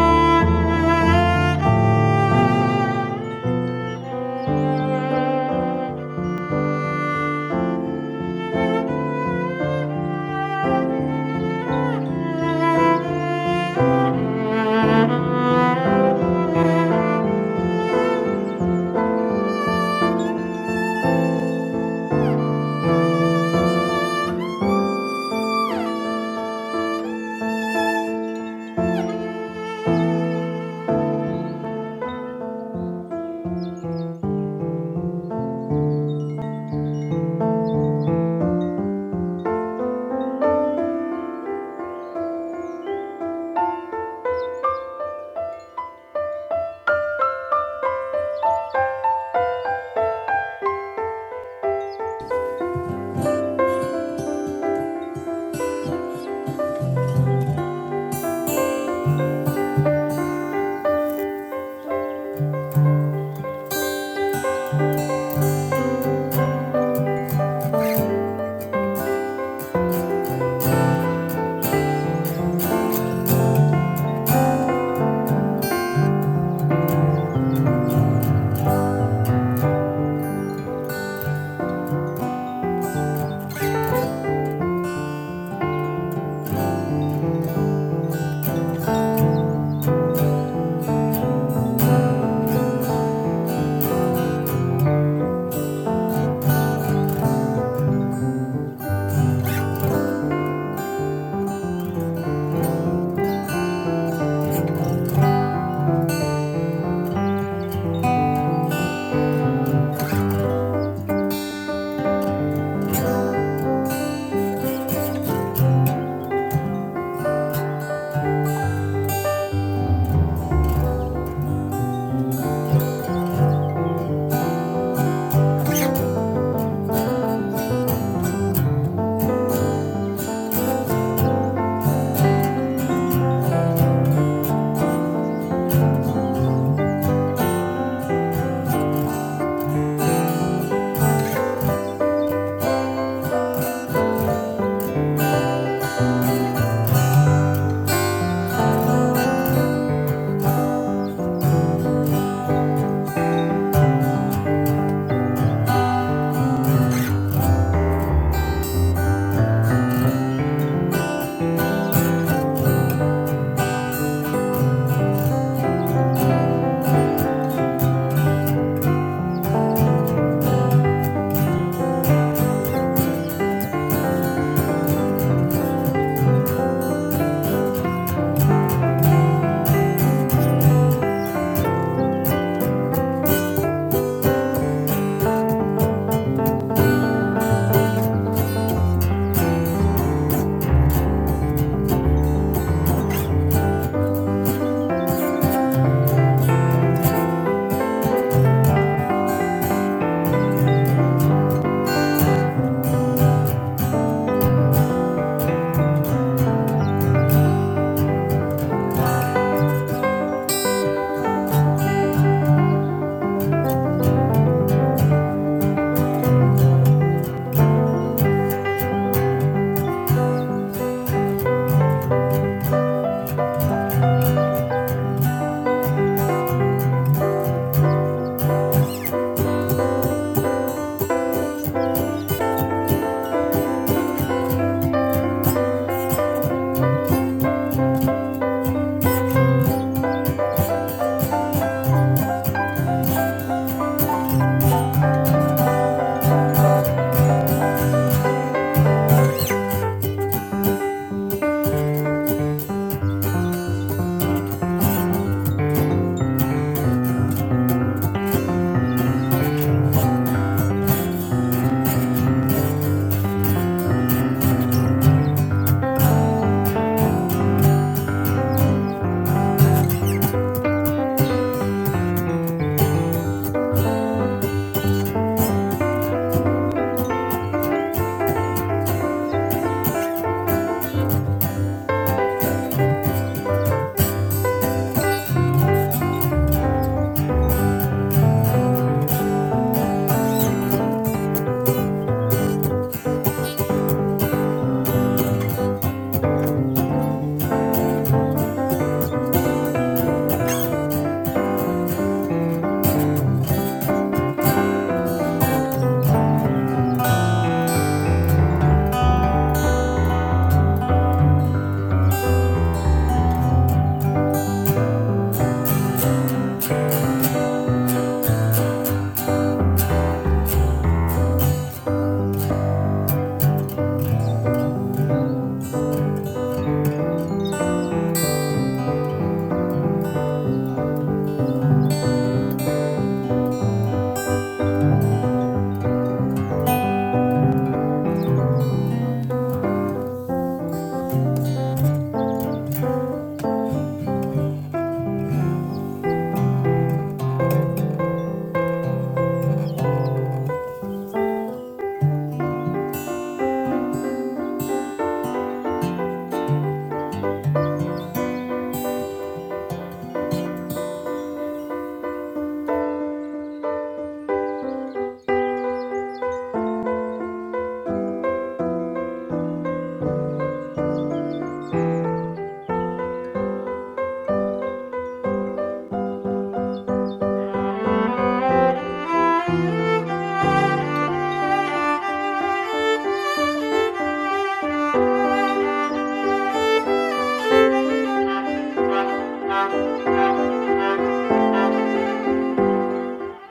Thank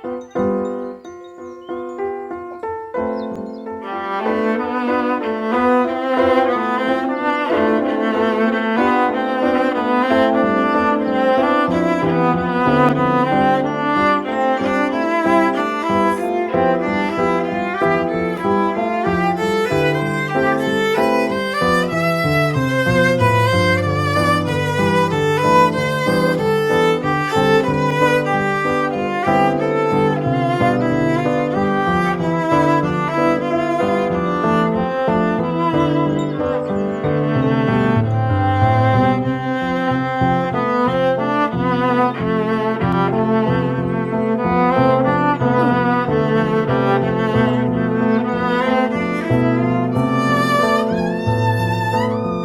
you. Thank you. Thank you.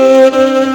Thank you.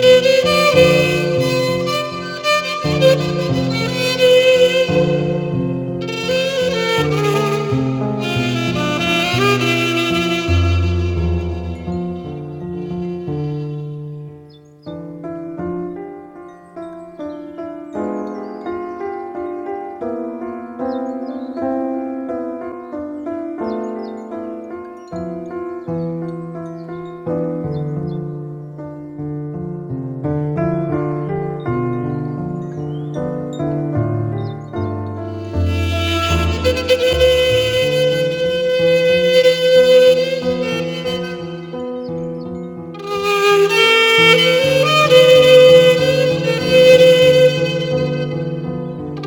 Thank you. Mara,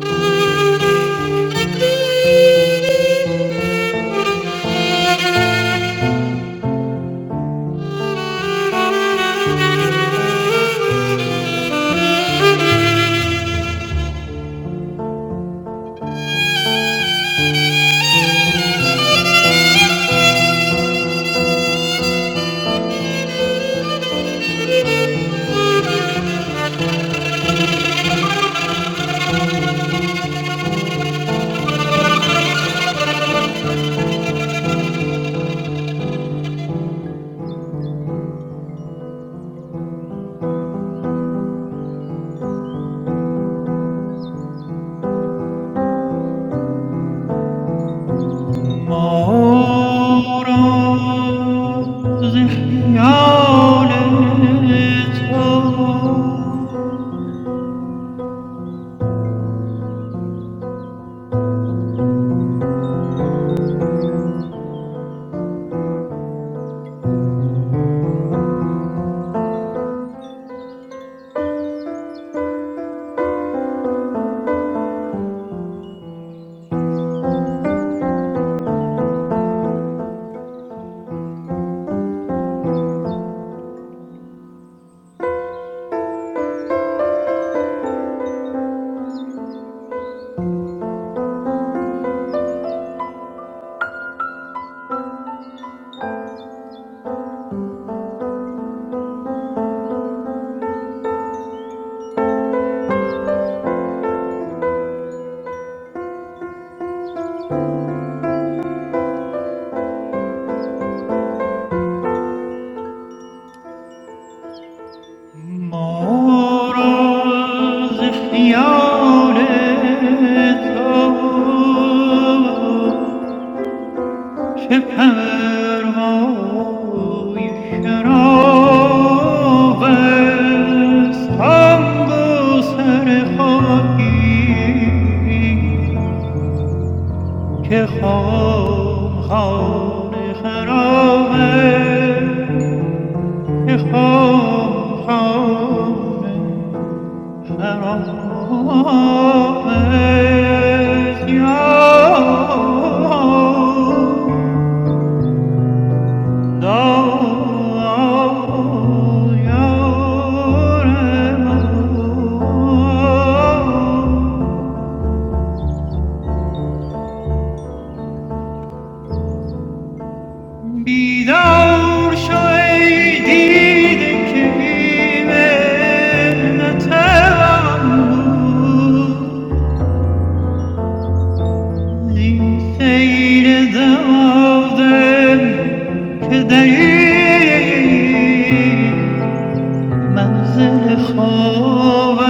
zhiya le shao. Moraziala tav, shafar mao yeshra ve shango ser xaki ke xam xam ne xra ve ke xam xam ne. And all is yours, though you're alone. بیدار شو ای دیده که این نتوان These scenes are all them. Could they be my dreams? I'm still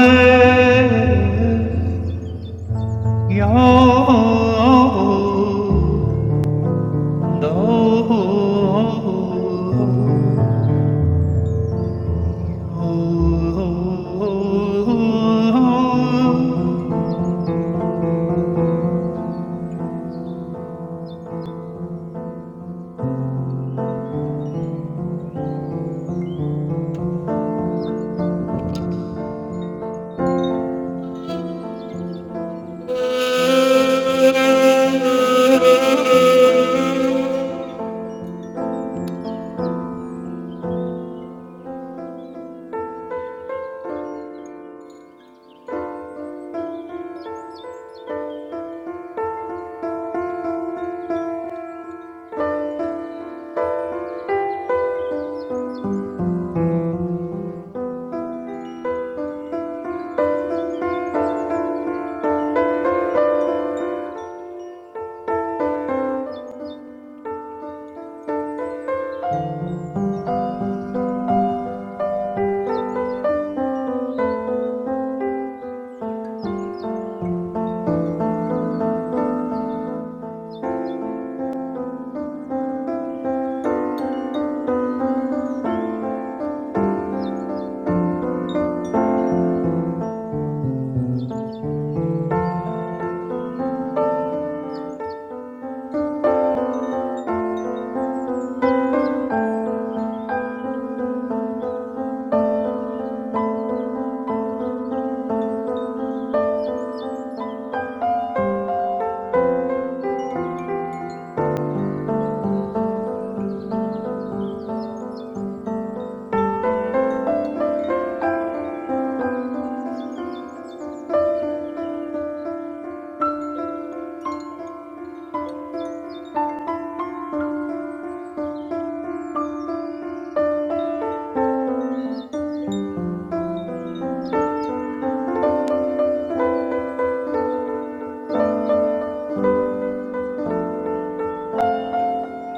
in love with you.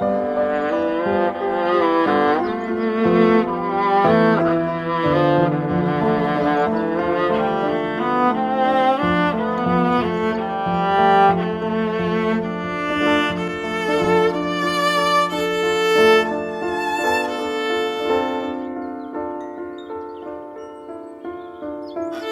Thank you. Thank you.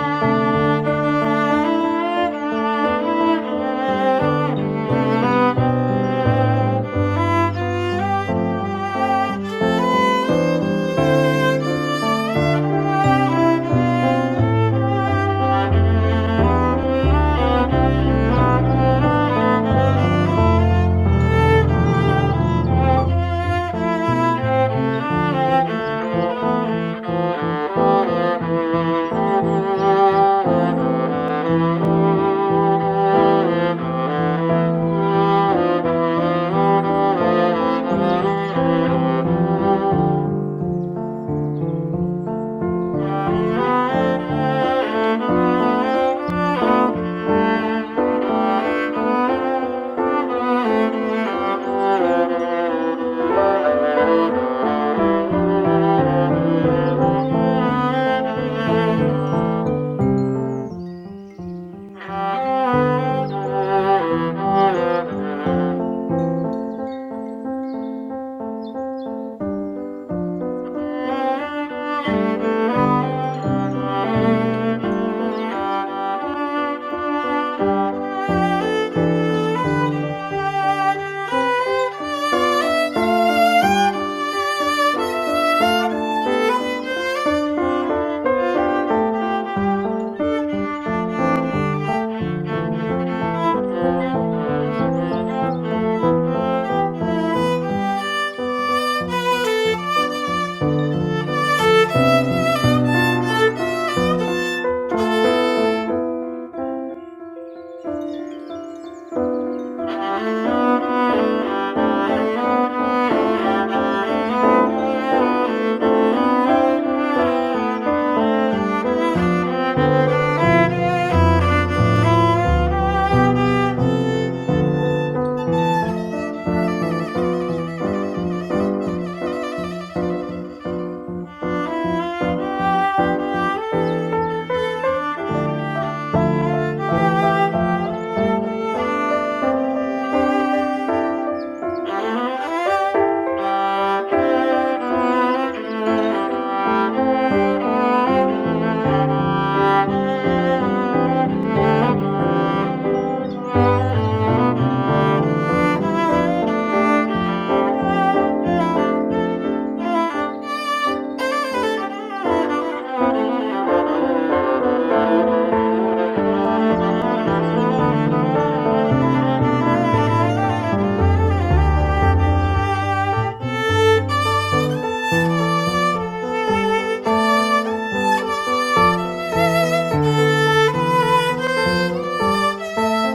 Thank you. Thank you. Thank you. Thank you. Thank you. Thank you. Thank you.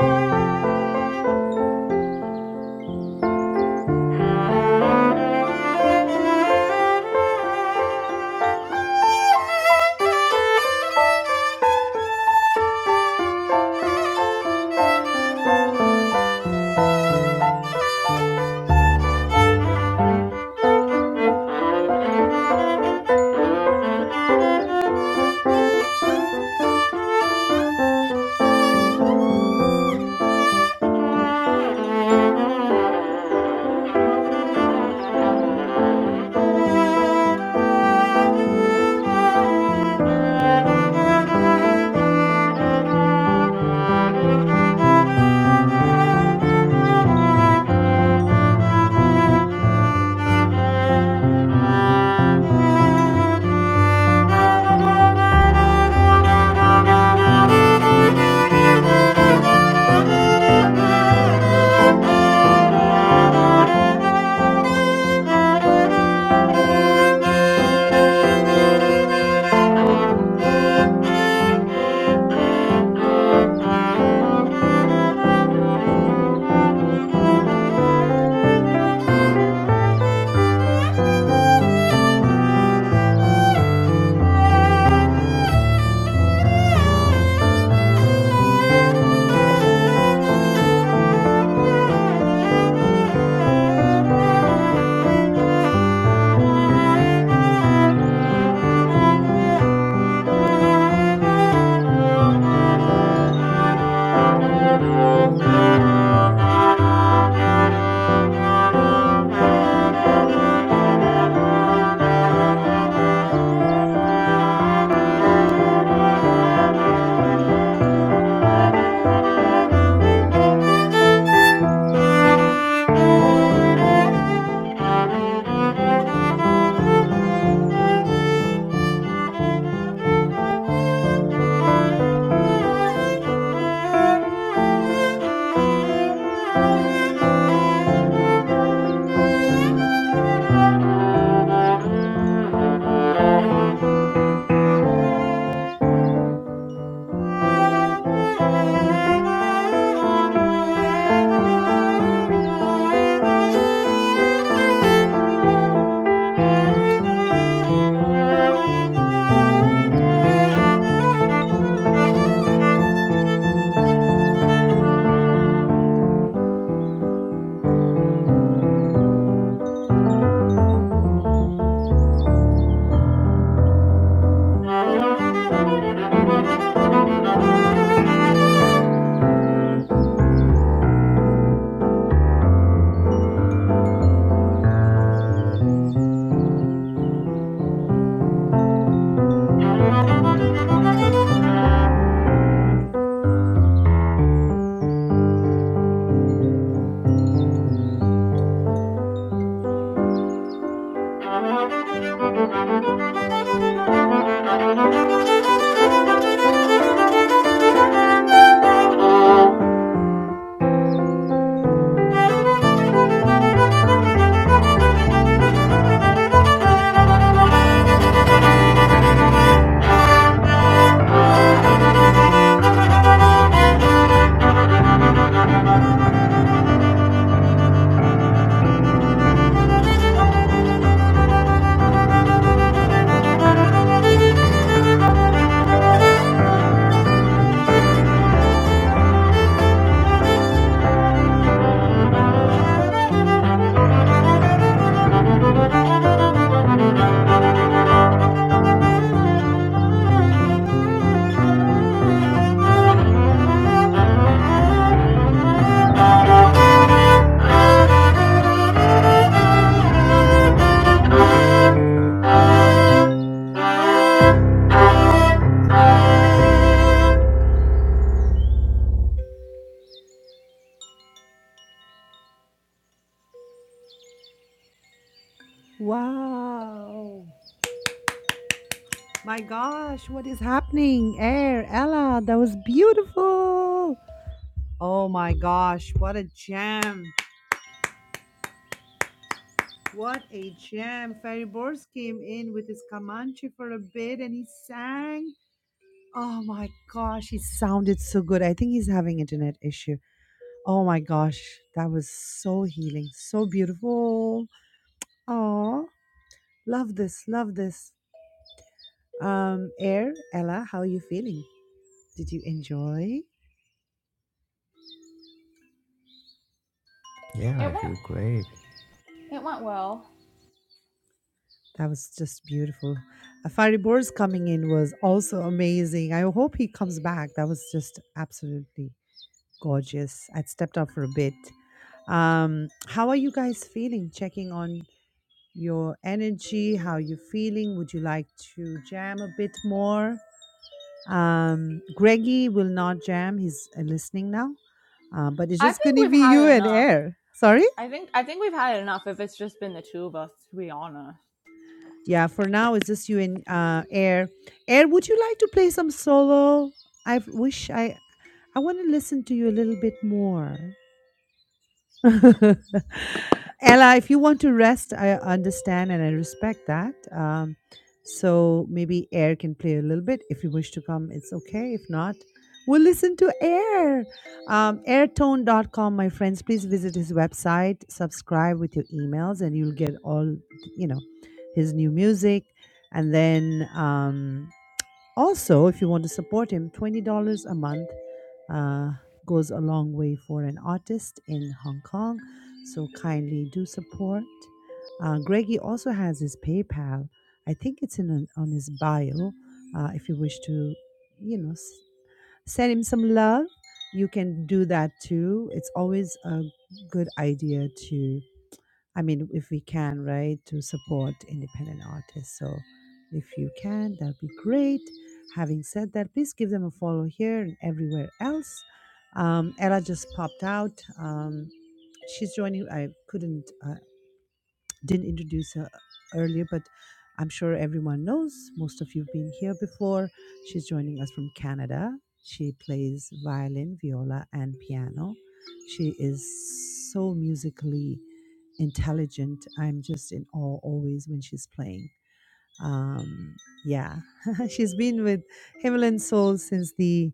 Thank you. Thank you. Thank you. Thank you. Thank you. Thank you. Thank you. Thank you. Thank you. Thank you. It
Wow. My gosh, what is happening? Air, Ella, that was beautiful. Oh my gosh, what a jam. What a jam. Ferry Bors came in with his Comanche for a bit and he sang. Oh my gosh, he sounded so good. I think he's having internet issue. Oh my gosh, that was so healing, so beautiful. Oh, love this, love this. Um, Air, Ella, how are you feeling? Did you enjoy?
Yeah, I
went
feel great.
it went well.
That was just beautiful. Faribor's coming in was also amazing. I hope he comes back. That was just absolutely gorgeous. I'd stepped out for a bit. Um, how are you guys feeling? Checking on your energy, how you feeling? Would you like to jam a bit more? Um, Greggy will not jam. He's uh, listening now, uh, but it's
I
just
think
going to
we've
be you
had
and
enough.
Air. Sorry?
I think I think we've had enough if it's just been the two of us, to be honest.
Yeah, for now it's just you and uh, Air. Air, would you like to play some solo? I wish I I want to listen to you a little bit more. Ella, if you want to rest, I understand and I respect that. Um, so maybe Air can play a little bit. If you wish to come, it's okay. If not, we'll listen to Air. Um, airtone dot com. my friends. Please visit his website, subscribe with your emails, and you'll get all, you know, his new music. And then. Um, also, if you want to support him, $20 a month uh, goes a long way for an artist in Hong Kong. So kindly do support. Uh, Greggy also has his PayPal. I think it's in on his bio. Uh, if you wish to, you know, s- send him some love, you can do that too. It's always a good idea to. I mean, if we can, right, to support independent artists. So if you can, that'd be great. Having said that, please give them a follow here and everywhere else. Um, Ella just popped out. Um, she's joining. I couldn't, uh, didn't introduce her earlier, but I'm sure everyone knows. Most of you have been here before. She's joining us from Canada. She plays violin, viola, and piano. She is so musically intelligent. I'm just in awe always when she's playing. Um, yeah, she's been with Himalayan Soul since the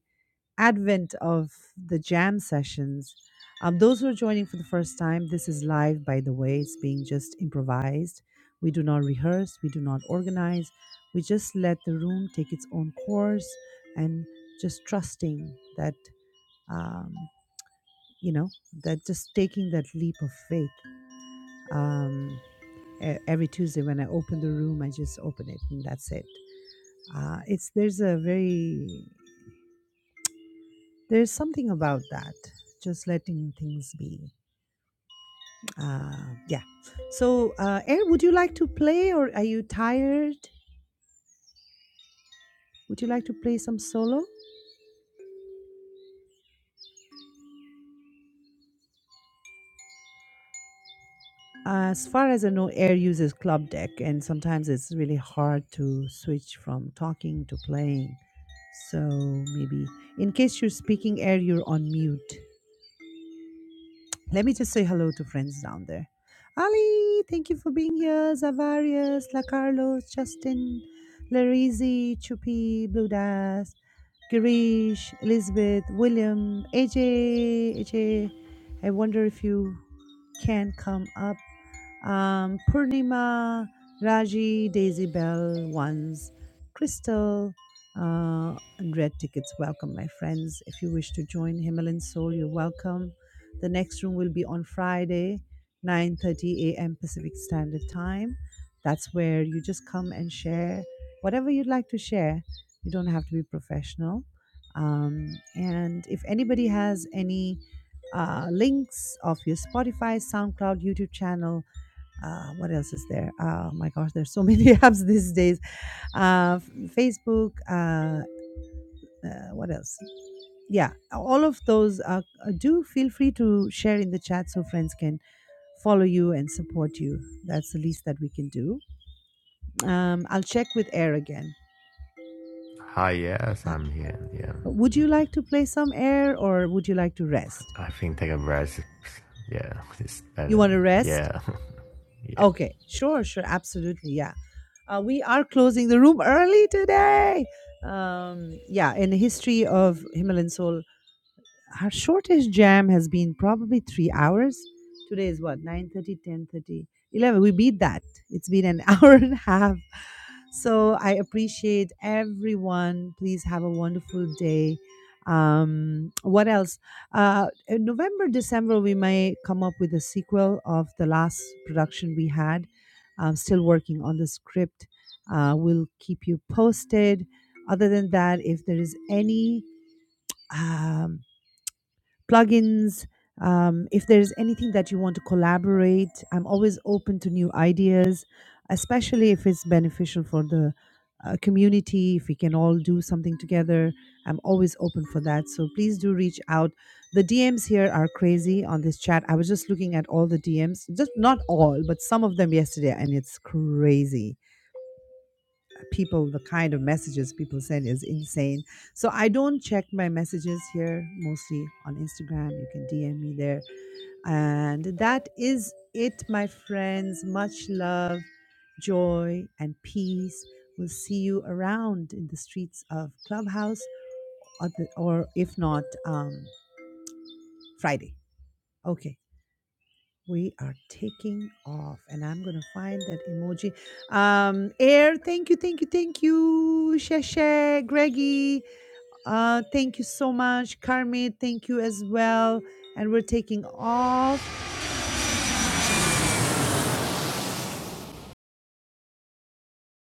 advent of the jam sessions. Um, those who are joining for the first time, this is live, by the way. It's being just improvised. We do not rehearse, we do not organize. We just let the room take its own course and just trusting that, um, you know, that just taking that leap of faith. Um, E- Every Tuesday when I open the room, I just open it and that's it. Uh, it's there's a very there's something about that, just letting things be. Uh, yeah. So, uh, Air, would you like to play, or are you tired? Would you like to play some solo? Uh, As far as I know, Air uses club deck, and sometimes it's really hard to switch from talking to playing. So maybe, in case you're speaking, Air, you're on mute. Let me just say hello to friends down there. Ali, thank you for being here. Zavarius, La Carlos, Justin, Larizi, Chupi, Blue Das, Girish, Elizabeth, William, AJ, AJ. I wonder if you can come up. Um, Purnima, Raji, Daisy Bell, Ones, Crystal, uh, and Red Tickets. Welcome, my friends. If you wish to join Himalayan Soul, you're welcome. The next room will be on Friday, 9:30 a.m. Pacific Standard Time. That's where you just come and share whatever you'd like to share. You don't have to be professional. Um, and if anybody has any uh, links of your Spotify, SoundCloud, YouTube channel, uh, what else is there? Oh my gosh, there's so many apps these days. Uh, Facebook, uh, uh, what else? yeah all of those are uh, do feel free to share in the chat so friends can follow you and support you that's the least that we can do um, i'll check with air again
Hi, yes,
Uh,
I'm here. Yeah.
would you like to play some air or would you like to rest
I think take a rest. Yeah, it's
you
better.
want to rest
Yeah. yeah.
okay sure sure absolutely yeah uh, we are closing the room early today um, yeah in the history of himalayan soul Our shortest jam has been probably three hours. Today is what, nine thirty, ten thirty, eleven. We beat that. It's been an hour and a half. So I appreciate everyone. Please have a wonderful day. Um, what else? Uh, in November, December, we may come up with a sequel of the last production we had. I'm still working on the script. Uh, we'll keep you posted. Other than that, if there is any um, plugins. Um, if there's anything that you want to collaborate, I'm always open to new ideas, especially if it's beneficial for the uh, community. If we can all do something together, I'm always open for that. So please do reach out. The DMs here are crazy on this chat. I was just looking at all the DMs, just not all, but some of them yesterday, and it's crazy people the kind of messages people send is insane so i don't check my messages here mostly on instagram you can dm me there and that is it my friends much love joy and peace we'll see you around in the streets of clubhouse or, the, or if not um, friday okay we are taking off and i'm gonna find that emoji um air thank you thank you thank you sheshe greggy Uh, thank you so much, Carmen. Thank you as well. And we're taking off.